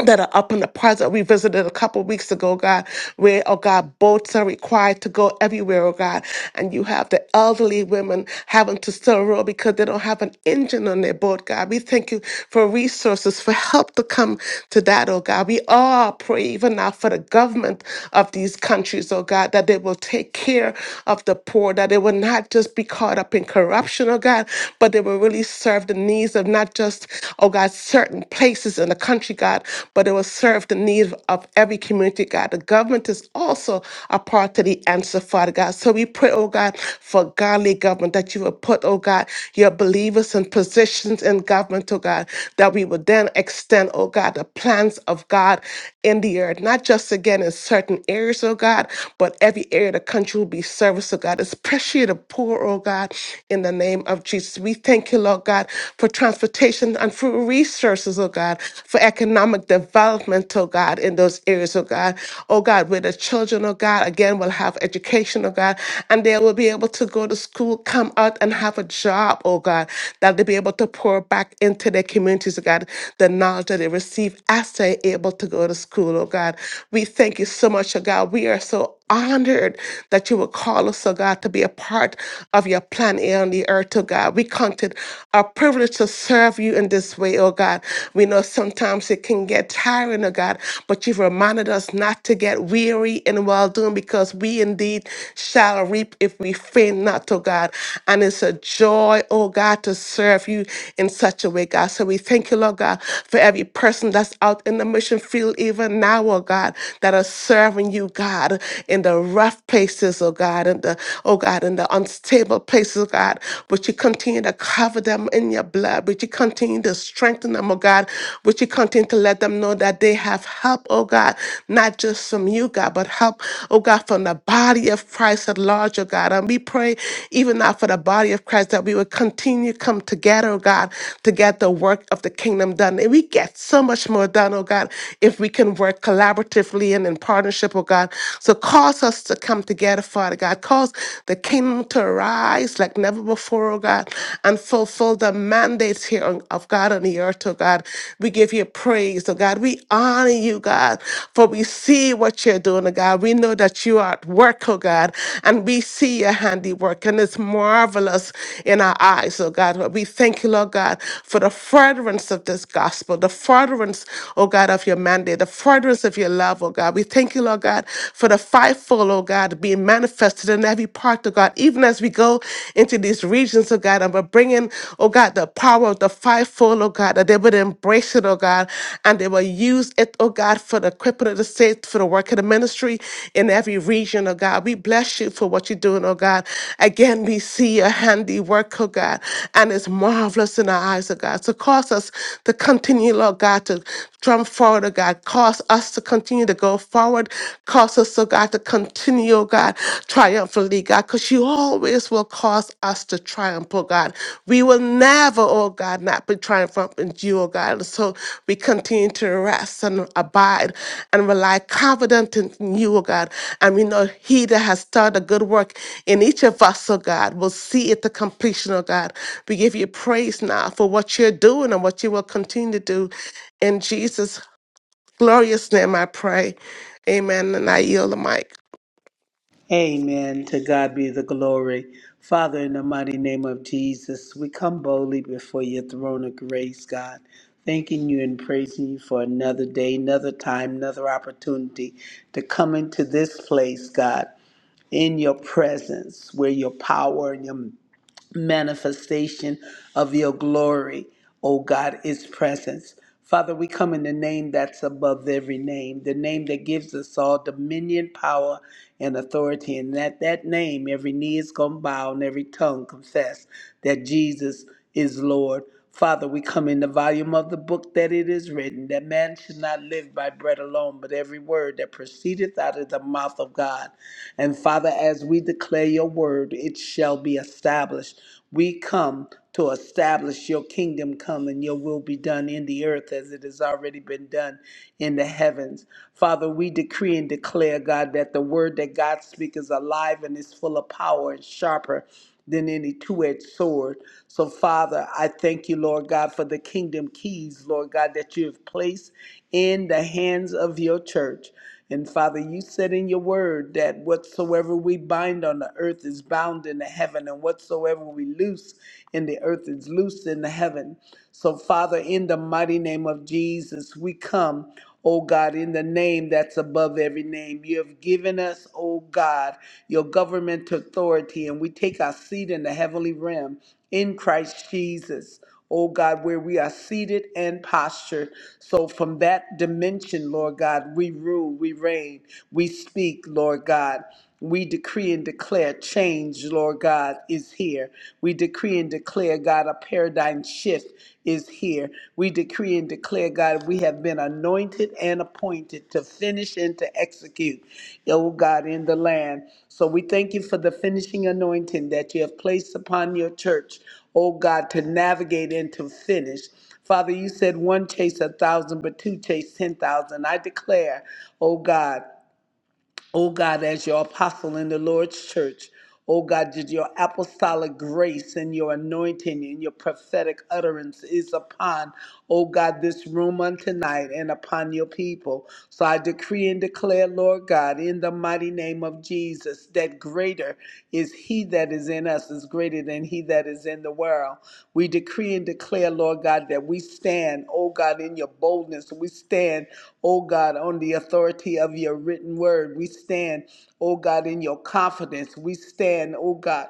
[SPEAKER 5] that are up in the parts that we visited a couple weeks ago, God, where, oh God, boats are required to go everywhere, oh God. And you have the elderly women having to still row because they don't have an engine on their boat, God. We thank you for resources, for help to come to that, oh God. We all pray even now for the government of these countries, oh God, that they will take care of the poor, that they will not just be caught up in corruption, oh God, but they will really serve the needs of not just oh God, certain places in the country, God, but it will serve the need of every community, God. The government is also a part of the answer, Father God. So we pray, oh God, for godly government that you will put, oh God, your believers in positions in government, oh God, that we will then extend, oh God, the plans of God in the earth, not just again in certain areas, oh God, but every area of the country will be service, oh God. Especially the poor, oh God, in the name of Jesus. We we thank you, Lord God, for transportation and for resources, oh God, for economic development, oh God, in those areas, oh God. Oh God, where the children, oh God, again will have education, oh God, and they will be able to go to school, come out and have a job, oh God, that they'll be able to pour back into their communities, oh God, the knowledge that they receive as they're able to go to school, oh God. We thank you so much, oh God. We are so honored that you would call us, oh God, to be a part of your plan here on the earth, oh God. We count it a privilege to serve you in this way, oh God. We know sometimes it can get tiring, oh God, but you've reminded us not to get weary in well doing because we indeed shall reap if we faint not, oh God. And it's a joy, oh God, to serve you in such a way, God. So we thank you, Lord God, for every person that's out in the mission field even now, oh God that are serving you, God, in the rough places, oh God, in the oh God, in the unstable places, oh God. But you continue to cover them in your blood, but you continue to strengthen them, oh God, but you continue to let them know that they have help, oh God, not just from you, God, but help, oh God, from the body of Christ at large, oh God. And we pray even now for the body of Christ that we would continue to come together, oh God, to get the work of the kingdom done. And we get so much more done, oh God, if we can work collaboratively and in partnership, oh God. So cause us to come together, Father God. Cause the kingdom to rise like never before, oh God, and fulfill the mandates here on- of God on the earth, oh God. We give you praise, oh God. We honor you, God, for we see what you're doing, oh God. We know that you are at work, oh God, and we see your handiwork, and it's marvelous in our eyes, oh God. But we thank you, Lord God, for the furtherance of this gospel gospel, the furtherance, oh God, of your mandate, the furtherance of your love, oh God. We thank you, Lord God, for the fivefold, oh God, being manifested in every part, oh God, even as we go into these regions, oh God, and we're bringing, oh God, the power of the fivefold, oh God, that they would embrace it, oh God, and they will use it, oh God, for the equipment of the saints, for the work of the ministry in every region, oh God. We bless you for what you're doing, oh God. Again, we see your handiwork, oh God, and it's marvelous in our eyes, lives, oh God. So cause us to continue, Lord God, to drum forward, oh God. Cause us to continue to go forward. Cause us, oh God, to continue, oh God, triumphantly, God, because you always will cause us to triumph, oh God. We will never, oh God, not be triumphant in you, oh God. And so we continue to rest and abide and rely confident in you, oh God. And we know he that has started a good work in each of us, oh God, will see it to completion, oh God. We give you praise now for what you're doing and what you will continue to do. In Jesus' glorious name, I pray. Amen. And I yield the mic.
[SPEAKER 1] Amen. To God be the glory. Father, in the mighty name of Jesus, we come boldly before your throne of grace, God, thanking you and praising you for another day, another time, another opportunity to come into this place, God, in your presence, where your power and your manifestation of your glory, O God, is presence. Father, we come in the name that's above every name, the name that gives us all dominion, power, and authority. And at that name, every knee is going to bow and every tongue confess that Jesus is Lord. Father, we come in the volume of the book that it is written that man should not live by bread alone, but every word that proceedeth out of the mouth of God. And Father, as we declare your word, it shall be established. We come to establish your kingdom come and your will be done in the earth as it has already been done in the heavens. Father, we decree and declare, God, that the word that God speaks is alive and is full of power and sharper than any two edged sword. So, Father, I thank you, Lord God, for the kingdom keys, Lord God, that you have placed in the hands of your church. And Father, you said in your word that whatsoever we bind on the earth is bound in the heaven, and whatsoever we loose in the earth is loosed in the heaven. So, Father, in the mighty name of Jesus, we come, O God, in the name that's above every name. You have given us, O God, your government authority, and we take our seat in the heavenly realm in Christ Jesus oh God, where we are seated and postured. So from that dimension, Lord God, we rule, we reign, we speak, Lord God. We decree and declare change, Lord God, is here. We decree and declare, God, a paradigm shift is here. We decree and declare, God, we have been anointed and appointed to finish and to execute, oh God, in the land. So we thank you for the finishing anointing that you have placed upon your church, oh God, to navigate and to finish. Father, you said one chase a thousand, but two chase ten thousand. I declare, oh God. Oh God, as your apostle in the Lord's church, oh God, that your apostolic grace and your anointing and your prophetic utterance is upon, oh God, this room on tonight and upon your people. So I decree and declare, Lord God, in the mighty name of Jesus, that greater is he that is in us, is greater than he that is in the world. We decree and declare, Lord God, that we stand, oh God, in your boldness. We stand O God, on the authority of your written word. We stand, O God, in your confidence. We stand, O God,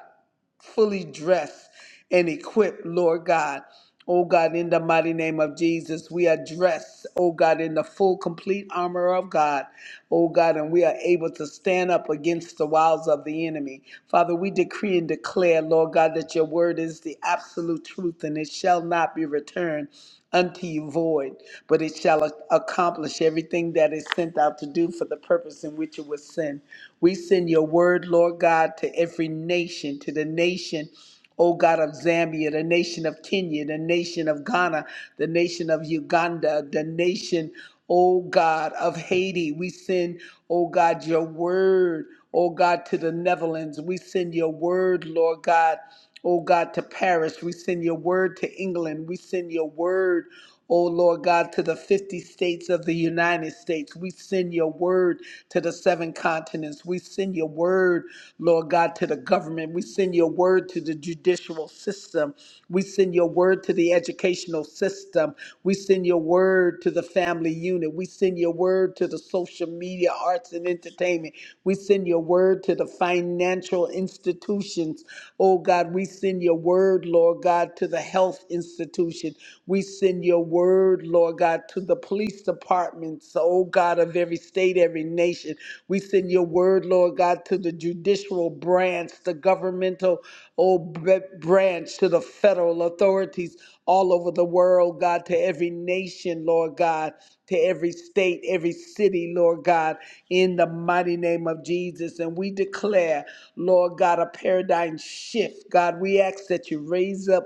[SPEAKER 1] fully dressed and equipped, Lord God. Oh God, in the mighty name of Jesus, we are dressed, oh God, in the full, complete armor of God oh God, and we are able to stand up against the wiles of the enemy. Father, we decree and declare, Lord God, that your word is the absolute truth and it shall not be returned unto you void, but it shall ac- accomplish everything that is sent out to do for the purpose in which it was sent. We send your word, Lord God, to every nation, to the nation. O God of Zambia, the nation of Kenya, the nation of Ghana, the nation of Uganda, the nation, O God of Haiti. We send, O God, your word, O God, to the Netherlands. We send your word, Lord God oh God, to Paris. We send your word to England. We send your word, oh Lord God, to the 50 states of the United States. We send your word to the seven continents. We send your word, Lord God, to the government. We send your word to the judicial system. We send your word to the educational system. We send your word word to the family unit. We send your word to the social media, arts, and entertainment. We send your word to the financial institutions. Oh God, we send your word, Lord God, to the health institution. We send your word, Lord God, to the police departments, oh God, of every state, every nation. We send your word, Lord. Lord God, to the judicial branch, the governmental oh, b- branch, to the federal authorities all over the world, God, to every nation, Lord God, to every state, every city, Lord God, in the mighty name of Jesus. And we declare, Lord God, a paradigm shift. God, we ask that you raise up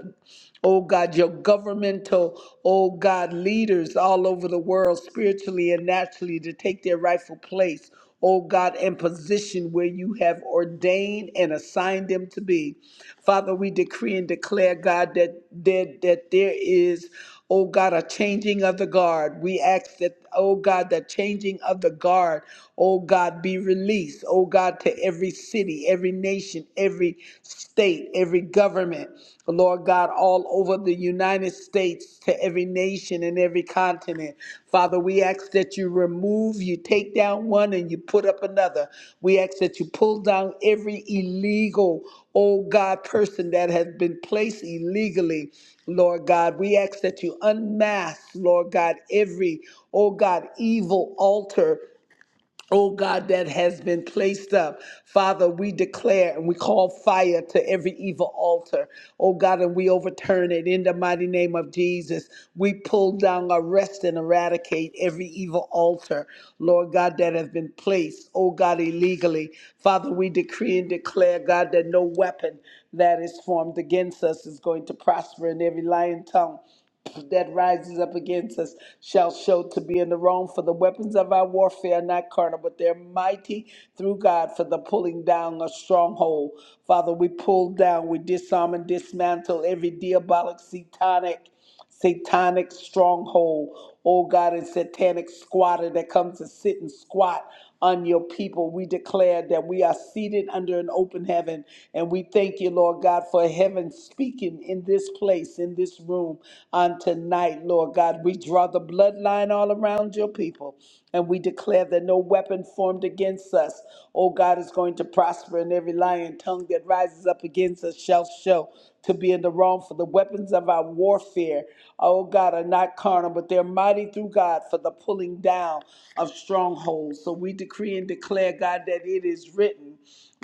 [SPEAKER 1] Oh God, your governmental, oh God, leaders all over the world, spiritually and naturally, to take their rightful place, oh God, and position where you have ordained and assigned them to be. Father, we decree and declare, God, that that, that there is oh God, a changing of the guard. We ask that, oh God, the changing of the guard, oh God, be released, oh God, to every city, every nation, every state, every government, Lord God, all over the United States, to every nation and every continent. Father, we ask that you remove, you take down one and you put up another. We ask that you pull down every illegal, oh God, person that has been placed illegally, Lord God. We ask that you unmask, Lord God, every, oh God, evil altar Oh God, that has been placed up. Father, we declare and we call fire to every evil altar. Oh God, and we overturn it in the mighty name of Jesus. We pull down, arrest, and eradicate every evil altar, Lord God, that has been placed, oh God, illegally. Father, we decree and declare, God, that no weapon that is formed against us is going to prosper in every lying tongue that rises up against us shall show to be in the wrong. For the weapons of our warfare are not carnal, but they're mighty through God for the pulling down of stronghold. Father, we pull down, we disarm and dismantle every diabolic satanic satanic stronghold, oh God, and satanic squatter that comes to sit and squat on your people. We declare that we are seated under an open heaven. And we thank you, Lord God, for heaven speaking in this place, in this room on tonight, Lord God. We draw the bloodline all around your people. And we declare that no weapon formed against us, oh God, is going to prosper, and every lying tongue that rises up against us shall show to be in the wrong for the weapons of our warfare, oh God, are not carnal, but they're mighty through God for the pulling down of strongholds. So we decree and declare, God, that it is written.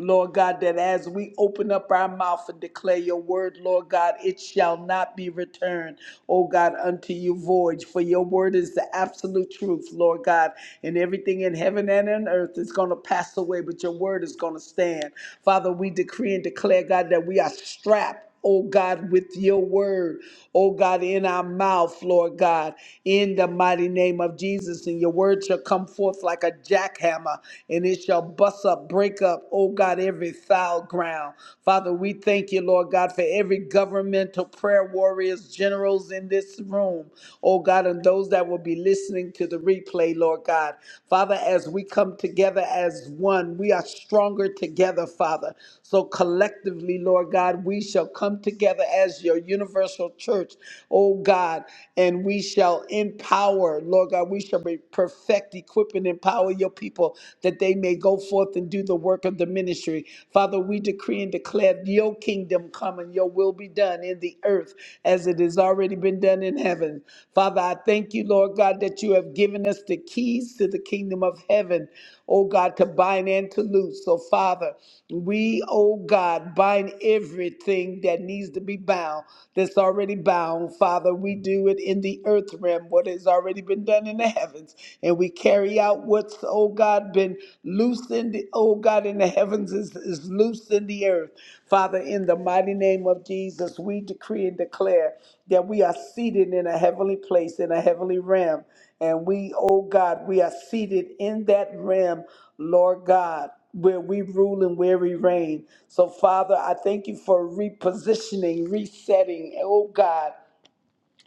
[SPEAKER 1] Lord God, that as we open up our mouth and declare your word, Lord God, it shall not be returned, oh God, unto you void. For your word is the absolute truth, Lord God. And everything in heaven and on earth is going to pass away, but your word is going to stand. Father, we decree and declare, God, that we are strapped oh God, with your word, oh God, in our mouth, Lord God, in the mighty name of Jesus. And your word shall come forth like a jackhammer, and it shall bust up, break up, oh God, every foul ground. Father, we thank you, Lord God, for every governmental prayer warriors, generals in this room, oh God, and those that will be listening to the replay, Lord God. Father, Father, as we come together as one, we are stronger together, Father. So collectively, Lord God, we shall come together as your universal church, oh God, and we shall empower, Lord God, we shall be perfect, equip, and empower your people that they may go forth and do the work of the ministry. Father, we decree and declare your kingdom come and your will be done in the the earth as it has already been done in heaven. Father, I thank you, Lord God, that you have given us the keys to the kingdom of heaven, oh God, to bind and to loose. So, Father, we, oh God, bind everything that needs to be bound, that's already bound. Father, we do it in the earth realm, what has already been done in the heavens, and we carry out what's, oh God, been been loosed in the, oh God, in the heavens is, is loosed in the earth. Father, in the mighty name of Jesus, we decree and declare that we are seated in a heavenly place, in a heavenly realm. And we, oh God, we are seated in that realm, Lord God where we rule and where we reign. So, Father, I thank you for repositioning, resetting, oh God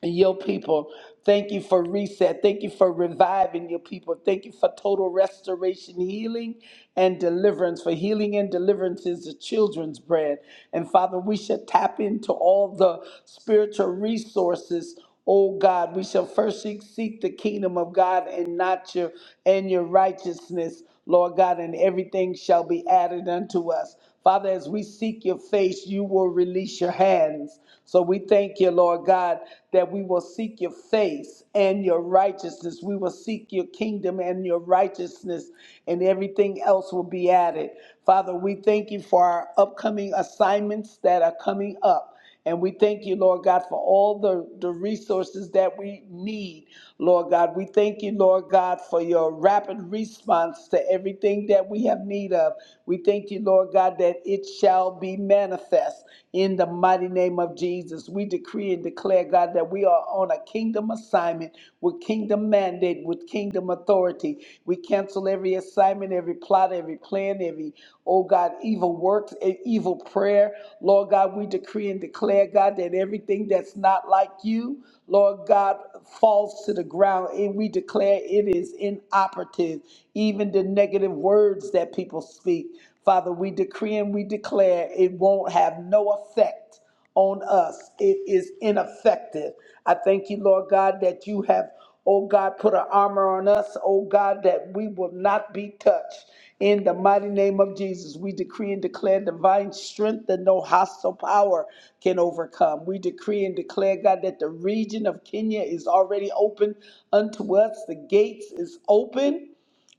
[SPEAKER 1] your people. Thank you for reset. Thank you for reviving your people. Thank you for total restoration, healing, and deliverance. For healing and deliverance is the children's bread. And Father, we should tap into all the spiritual resources. Oh God, we shall first seek seek the kingdom of God and not your and your righteousness, Lord God, and everything shall be added unto us. Father, as we seek your face, you will release your hands. So we thank you, Lord God, that we will seek your face and your righteousness. We will seek your kingdom and your righteousness, and everything else will be added. Father, we thank you for our upcoming assignments that are coming up. And we thank you, Lord God, for all the, the resources that we need, Lord God. We thank you, Lord God, for your rapid response to everything that we have need of. We thank you, Lord God, that it shall be be manifest in the mighty name of Jesus. We decree and declare, God, that we are on a kingdom assignment with kingdom mandate, with kingdom authority. We cancel every assignment, every plot, every plan, every, oh God, evil works, e- evil prayer. Lord God, we decree and declare, God, that everything that's not like you, Lord God, falls to the ground. And we declare it is inoperative, even the negative words that people speak. Father, we decree and we declare it won't have no effect on us. It is ineffective. I thank you, Lord God, that you have, oh God, put an armor on us, oh God, that we will not be touched. In the mighty name of Jesus, we decree and declare divine strength that no hostile power can overcome. We decree and declare, God, that the region of Kenya is already open unto us. The gates is open.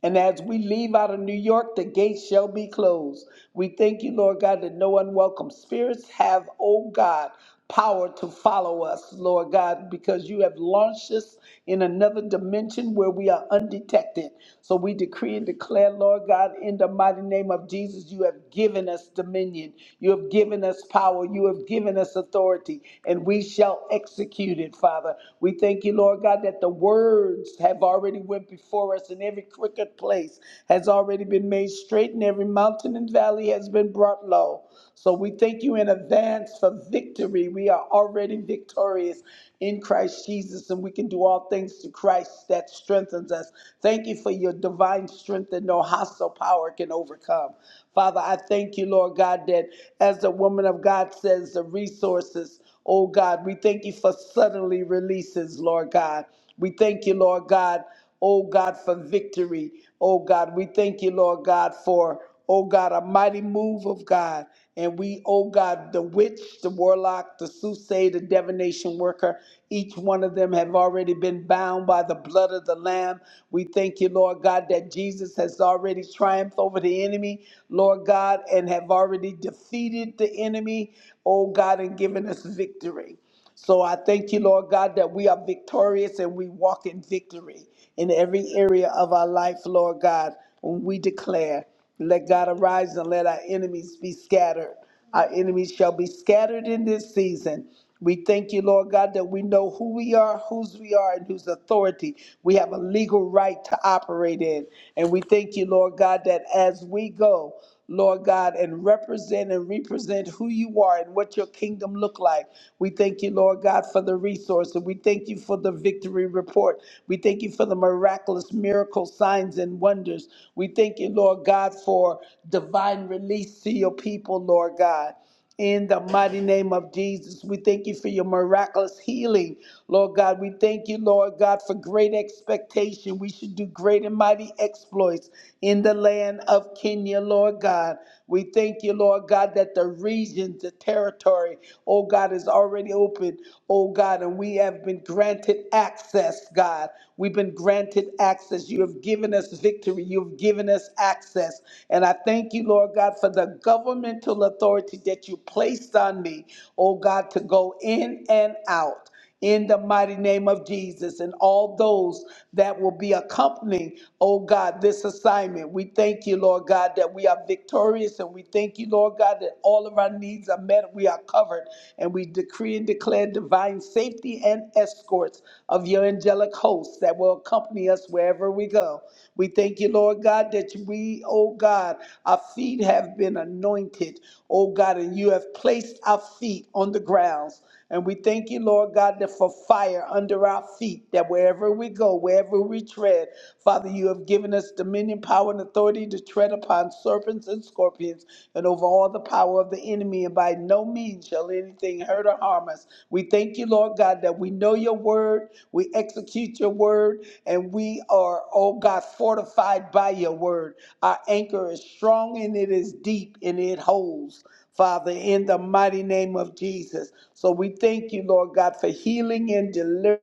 [SPEAKER 1] And as we leave out of New York, the gates shall be closed. We thank you, Lord God, that no unwelcome spirits have, oh God, power to follow us, Lord God, because you have launched us in another dimension where we are undetected. So we decree and declare, Lord God, in the mighty name of Jesus, you have given us dominion, you have given us power, you have given us authority, and we shall execute it, Father. We thank you, Lord God, that the words have already went before us, and every crooked place has already been made straight, and every mountain and valley has been brought low. So we thank you in advance for victory. We are already victorious in Christ Jesus, and we can do all things through Christ that strengthens us. Thank you for your divine strength that no hostile power can overcome. Father, I thank you, Lord God, that as the woman of God says, the resources. Oh God, we thank you for suddenly releases, Lord God. We thank you, Lord God, oh God, for victory. Oh God, we thank you, Lord God, for, oh God, a mighty move of God. And we, oh God, the witch, the warlock, the soothsayer, the divination worker, each one of them have already been bound by the blood of the Lamb. We thank you, Lord God, that Jesus has already triumphed over the enemy, Lord God, and have already defeated the enemy enemy, oh God, and giving us victory. So I thank you, Lord God, that we are victorious and we walk in victory in every area of our life, Lord God, when we declare, let God arise and let our enemies be scattered. Our enemies shall be scattered in this season. We thank you, Lord God, that we know who we are, whose we are, and whose authority we have a legal right to operate in. And we thank you, Lord God, that as we go, Lord God, and represent and represent who you are and what your kingdom look like. We thank you, Lord God, for the resource. And we thank you for the victory report. We thank you for the miraculous miracle signs and wonders. We thank you, Lord God, for divine release to your people, Lord God. In the mighty name of Jesus, we thank you for your miraculous healing. Lord God, we thank you, Lord God, for great expectation. We should do great and mighty exploits in the land of Kenya, Lord God. We thank you, Lord God, that the region, the territory, oh God, is already open, oh God, and we have been granted access, God. We've been granted access. You have given given us victory. You've given us access. And I thank you, Lord God, for the governmental authority that you placed on me, oh God, to go in and out in the mighty name of Jesus and all those that will be accompanying, oh God, this assignment. We thank you, Lord God, that we are victorious and we thank you, Lord God, that all of our needs are met. We are covered and we decree decree and divine safety and escorts of your angelic hosts that will accompany us wherever we go. We thank you, Lord God, that we, oh God, our feet have been anointed, oh God, and you have placed our feet on the grounds. And we thank you, Lord God, that for fire under our feet, that wherever we go, wherever we tread, Father, you have given us dominion, power, and authority to tread upon serpents and scorpions and over all the power of the enemy, and by no means shall anything hurt or harm us. We thank you, Lord God, that we know your word, we execute your word, and we are, oh God, fortified by your word. Our anchor is strong and it is deep and it holds. Father, in the mighty name of Jesus. So we thank you, Lord God, for healing and deliverance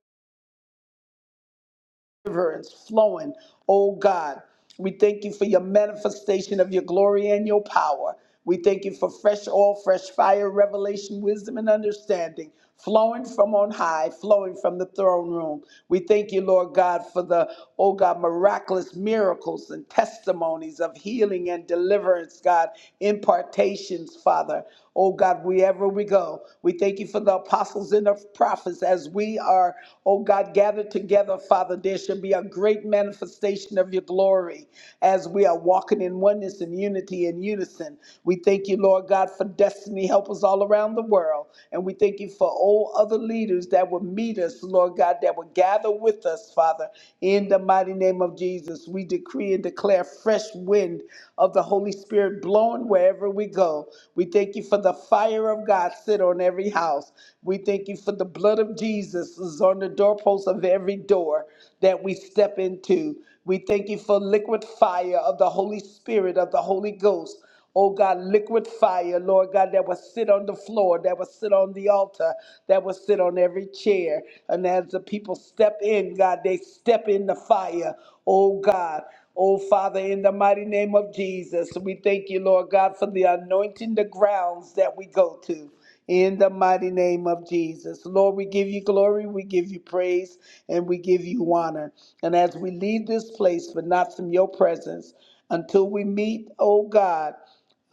[SPEAKER 1] rivers flowing, oh God. We thank you for your manifestation of your glory and your power. We thank you for fresh oil, fresh fire, revelation, wisdom, and understanding flowing from on high, flowing from the throne room. We thank you, Lord God, for the, oh God, miraculous miracles and testimonies of healing and deliverance, God, impartations, Father. Oh God, wherever we go, we thank you for the apostles and the prophets as we are, oh God, gathered together, Father. There should be a great manifestation of your glory as we are walking in oneness and unity and unison. We thank you, Lord God, for destiny helpers all around the world. And we thank you for all other leaders that will meet us, Lord God, that will gather with us, Father, in the mighty name of Jesus. we we decree and declare fresh wind of the Holy Spirit blowing wherever we go. We thank you for the fire of God sit on every house. We thank you for the blood of Jesus is on the doorpost of every door that we step into. We thank you for liquid fire of the Holy Spirit, of the Holy Ghost Oh God, liquid fire, Lord God, that will sit on the floor, that will sit on the altar, that will sit on every chair. And as the people step in, God, they step in the fire. Oh God. Oh Father, in the mighty name of Jesus, we thank you, Lord God, for the anointing the grounds that we go to. In the mighty name of Jesus. Lord, we give you glory, we give you praise, and we give you honor. And as we leave this place, but not from your presence, until we meet, oh God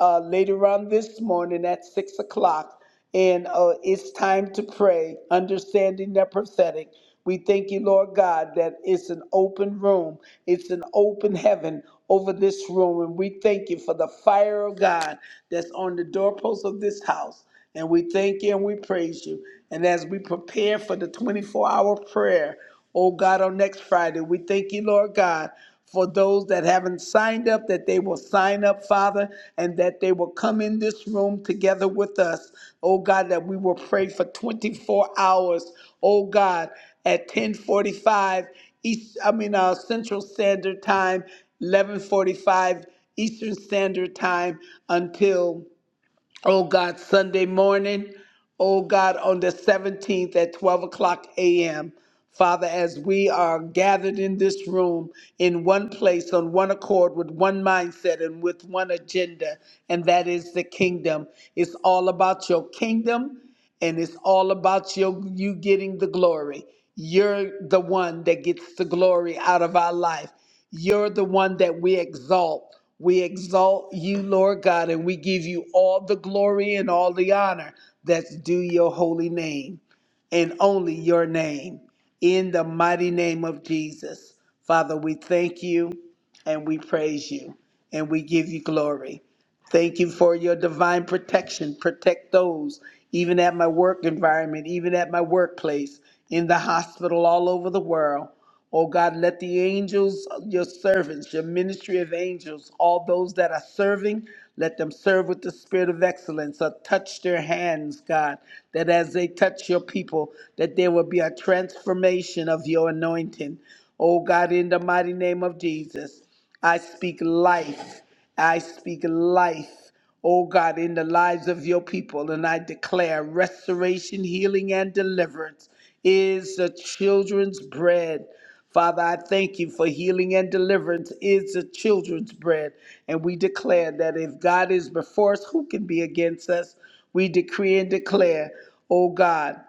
[SPEAKER 1] uh, later on this morning at six o'clock. And uh, it's time to pray, understanding that prophetic. We thank you, Lord God, that it's an open room, it's an open heaven over this room. And we thank you for the fire of God that's on the doorposts of this house. And we thank you and we praise you. And as we prepare for the 24 hour prayer, oh God, on next Friday, we thank you, Lord God, for those that haven't signed up, that they will sign up, Father, and that they will come in this room together with us. Oh God, that we will pray for 24 hours. Oh God, at 1045 East, I mean uh, Central Standard Time, 1145 Eastern Standard Time until Oh God, Sunday morning. Oh God, on the 17th at 12 o'clock a.m. Father, as we are gathered in this room in one place, on one accord, with one mindset and with one agenda, and that is the kingdom. It's all about your kingdom and it's all about your, you getting the glory. You're the one that gets the glory out of our life. You're the one that we exalt. We exalt you, Lord God, and we give you all the glory and all the honor that's due your holy name and only your name. In the mighty name of Jesus. Father, we thank you and we praise you and we give you glory. Thank you for your divine protection. Protect those, even at my work environment, even at my workplace, in the hospital, all over the world. Oh God, let the angels, your servants, your ministry of angels, all those that are serving, let them serve with the spirit of excellence. Or touch their hands, God, that as they touch your people, that there will be a transformation of your anointing. Oh God, in the mighty name of Jesus, I speak life. I speak life oh God, in the lives of your people. And I declare restoration, healing, and deliverance is the children's bread. Father, I thank you for healing and deliverance is the children's bread. And we declare that if God is before us, who can be against us? We decree and declare, oh God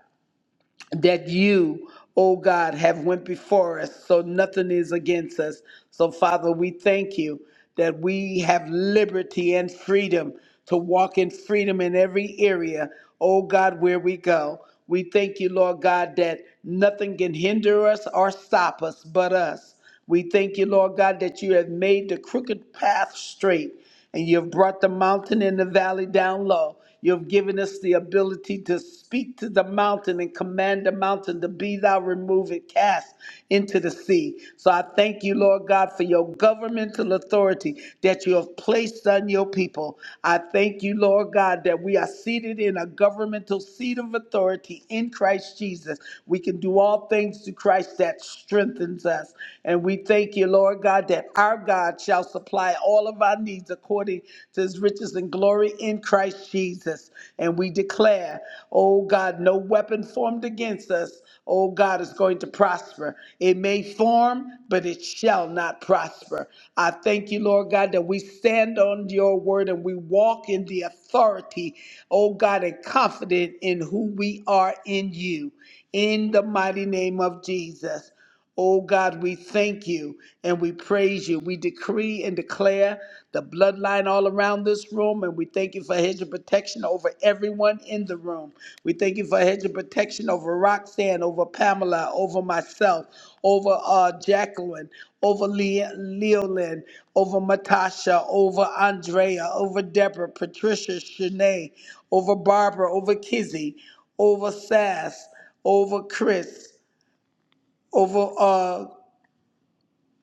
[SPEAKER 1] that you, oh God, have went before us, so nothing is against us. So Father, we thank you that we have liberty and freedom to walk in freedom in every area, oh God, where we go. We thank you, Lord God, that nothing can hinder us or stop us but us. We thank you, Lord God, that you have made the crooked path straight and you've brought the mountain and the valley down low. You've given us the ability to speak to the mountain and command the mountain to be thou removed and cast into the sea. So I thank you, Lord God, for your governmental authority that you have placed on your people. I thank you, Lord God, that we are seated in a governmental seat of authority in Christ Jesus. We can do all things through Christ that strengthens us. And we thank you, Lord God. God, God that our God shall supply all of our needs according to his riches and glory in Christ Jesus. And we declare, oh God, no weapon formed against us, oh God, is going to prosper. It may form, but it shall not prosper. I thank you, Lord God, that we stand on your word and we walk in the authority, oh God, and confident in who we are in you. In the mighty name of Jesus. Oh God, we thank you and we praise you. We decree and declare the bloodline all around this room, and we thank you for a hedge of protection over everyone in the room. We thank you for a hedge of protection over Roxanne, over Pamela, over myself, over uh, Jacqueline, over Le- Leolyn, over Matasha, over Andrea, over Deborah, Patricia, Shanae, over Barbara, over Kizzy, over Sass, over Chris, over uh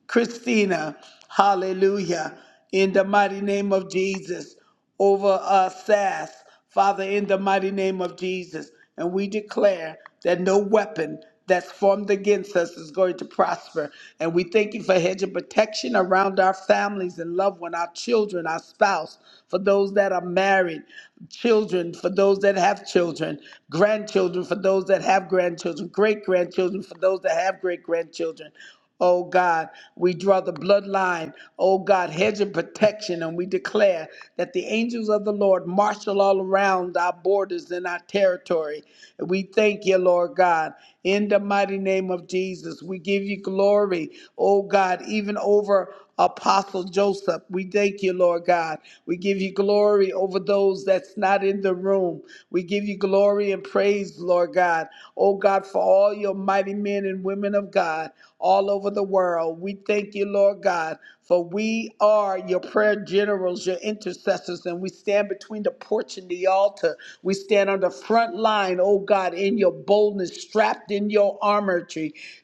[SPEAKER 1] Christina, hallelujah, in the mighty name of Jesus, over uh, Sass, Father, in the mighty name of Jesus. And we declare that no weapon that's formed against us is going to prosper. And we thank you for hedge of protection around our families and loved ones, our children, our spouse, for those that are married, children, for those that have children, grandchildren, for those that have grandchildren, great grandchildren, for those that have great grandchildren Oh God, we draw the bloodline. Oh God, hedge of protection. And we declare that the angels of the Lord marshal all around our borders and our territory. And we thank you, Lord God. In the mighty name of Jesus, we give you glory. Oh God, even over Apostle Joseph, we thank you, Lord God. We give you glory over those that's not in the room. We give you glory and praise, Lord God. Oh God, for all your mighty men and men and women of God all over the world. We thank you, Lord God, for we are your prayer generals, your intercessors, and we stand between the porch and the altar. We stand on the front line, oh God, in your boldness, strapped in your armor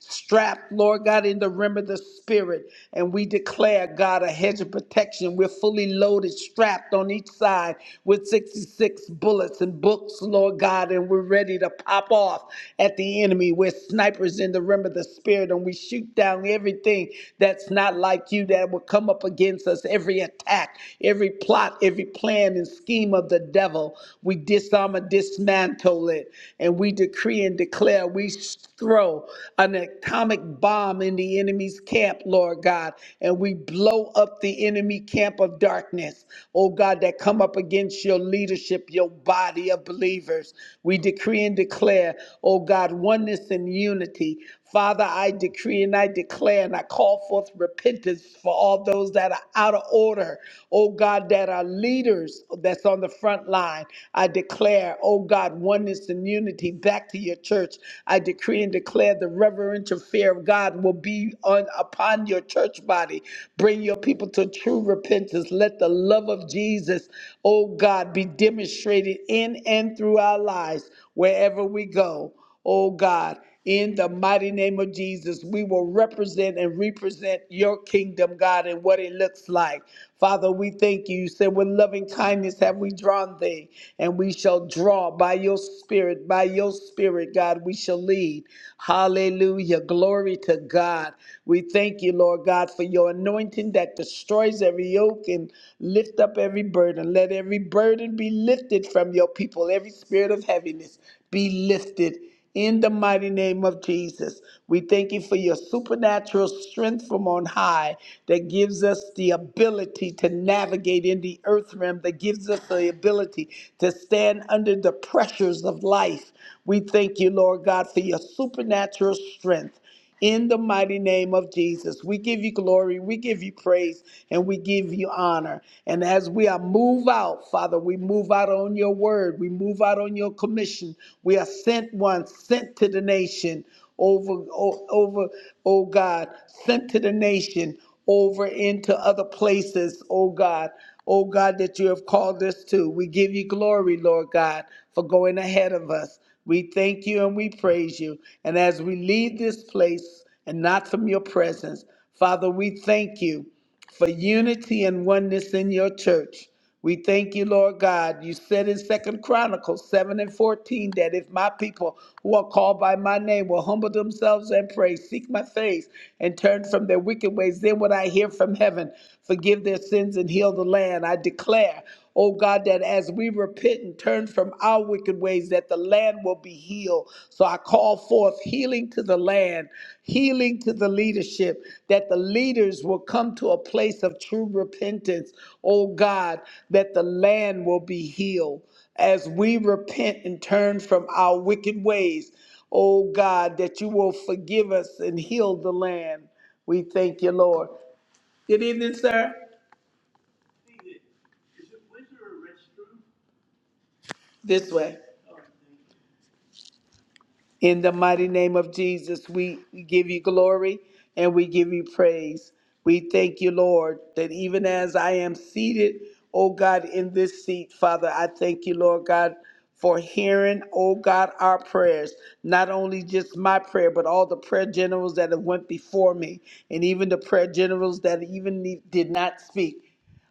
[SPEAKER 1] strapped, Lord God, in the rim of the Spirit. And we declare, God, a hedge of protection. We're fully loaded, strapped on each side with 66 bullets and books, Lord God, and we're ready to pop off at the enemy. We're snipers in the realm of the spirit, and we shoot down everything that's not like you that will come up against us, every attack, every plot, every plan and scheme of the devil. We disarm and dismantle it, and we decree and declare we throw an atomic bomb in the enemy's camp, Lord God, and we blow up the enemy camp of darkness, oh God, that come up against your leadership, your body of believers. We we decree and declare, oh God, oneness and unity. Father, I decree and I declare and I call forth repentance for all those that are out of order, oh God, that are leaders that's on the front line. I declare, oh God, oneness and unity back to your church. I decree and declare the reverential fear of God will be on upon your church body. Bring your people to true repentance. Let the love of Jesus, oh God, be demonstrated activated in and through our lives wherever we go. Oh God, in the mighty name of Jesus, we will represent and represent your kingdom, God, and what it looks like. Father, we thank you. You said, with loving kindness have we drawn thee, and we shall draw by your spirit, by your spirit, God, we shall lead. Hallelujah. Glory to God. We thank you, Lord God, for your anointing that destroys every yoke and lift up every burden. Let let every burden be lifted from your people, every spirit of heaviness be lifted. In the mighty name of Jesus, we thank you for your supernatural strength from on high that gives us the ability to navigate in the earth realm, that gives us the ability to stand under the pressures of life. We thank you, Lord God, for your supernatural strength in the mighty name of Jesus, we give you glory, we give you praise, and we give you honor. And as we are move out, Father, we move out on your word, we move out on your commission. We are sent one, sent to the nation over, o- over, oh God, sent to the nation over into other places, oh God. Oh God, that you have called us to. We give you glory, Lord God, for going ahead of us. We thank you and we praise you. And as we leave this place and not from your presence, Father, we thank you for unity and oneness in your church. We thank you, Lord God. You said in Second Chronicles 7 and 14 that if my people who are called by my name will humble themselves and pray, seek my face, and turn from their wicked ways, then would I hear from heaven, forgive their sins, and heal the land. I declare Oh God, that as we repent and turn from our wicked ways, that the land will be healed. So I call forth healing to the land, healing to the leadership, that the leaders will come to a place of true repentance. Oh God, that the land will be healed as we repent and turn from our wicked ways. Oh God, that you will forgive us and heal the land. We thank you, Lord. Good evening, sir. This way. In the mighty name of Jesus, we give you glory and we give you praise. We thank you, Lord, that even as I am seated, oh God, in this seat, Father, I thank you, Lord God, for hearing, oh God, our prayers. Not only just my prayer, but all the prayer generals that have went before me, and even the prayer generals that even did not speak.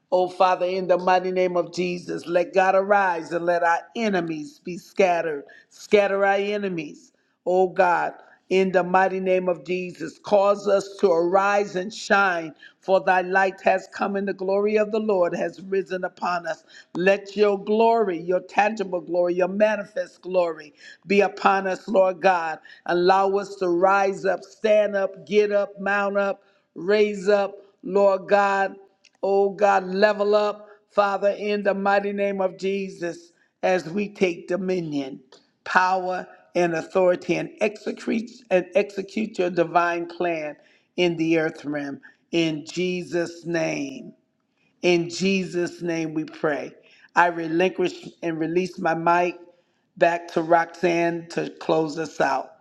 [SPEAKER 1] Oh, Father, in the mighty name of Jesus, let God arise and let our enemies be scattered. Scatter our enemies. Oh, God, in the mighty name of Jesus, cause us to arise and shine, for thy light has come and the glory of the Lord has risen upon us. Let your glory, your tangible glory, your manifest glory be upon us, Lord God. Allow us to rise up, stand up, get up, mount up, raise up, Lord God Oh God, level up, Father, in the mighty name of Jesus, as we take dominion, power, and authority and execute and execute your divine plan in the earth realm. In Jesus' name. In Jesus' name we pray. I relinquish and release my mic back to Roxanne to close us out.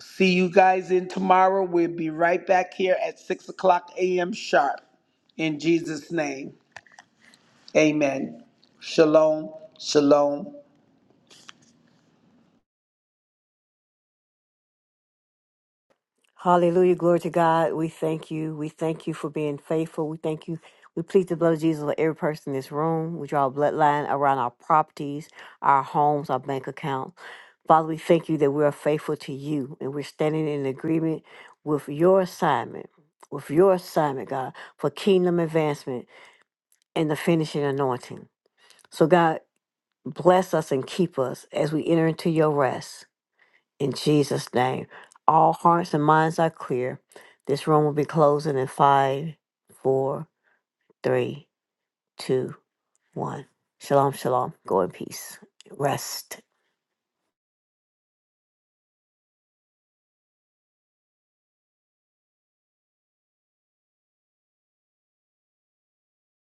[SPEAKER 1] See you guys in tomorrow. We'll be right back here at 6 o'clock a.m. sharp. In Jesus' name. Amen. Shalom, shalom,
[SPEAKER 2] Hallelujah. Glory to God. We thank you. We thank you for being faithful. We thank you. We plead the blood of Jesus over every person in this room. We draw a bloodline around our properties, our homes, our bank accounts. Father, we thank you that we are faithful to you and we're standing in agreement with your assignment, with your assignment, God, for kingdom advancement and the finishing anointing. So, God, bless us and keep us as we enter into your rest. In Jesus' name, all hearts and minds are clear. This room will be closing in five, four, three, two, one. Shalom, shalom. Go in peace. Rest.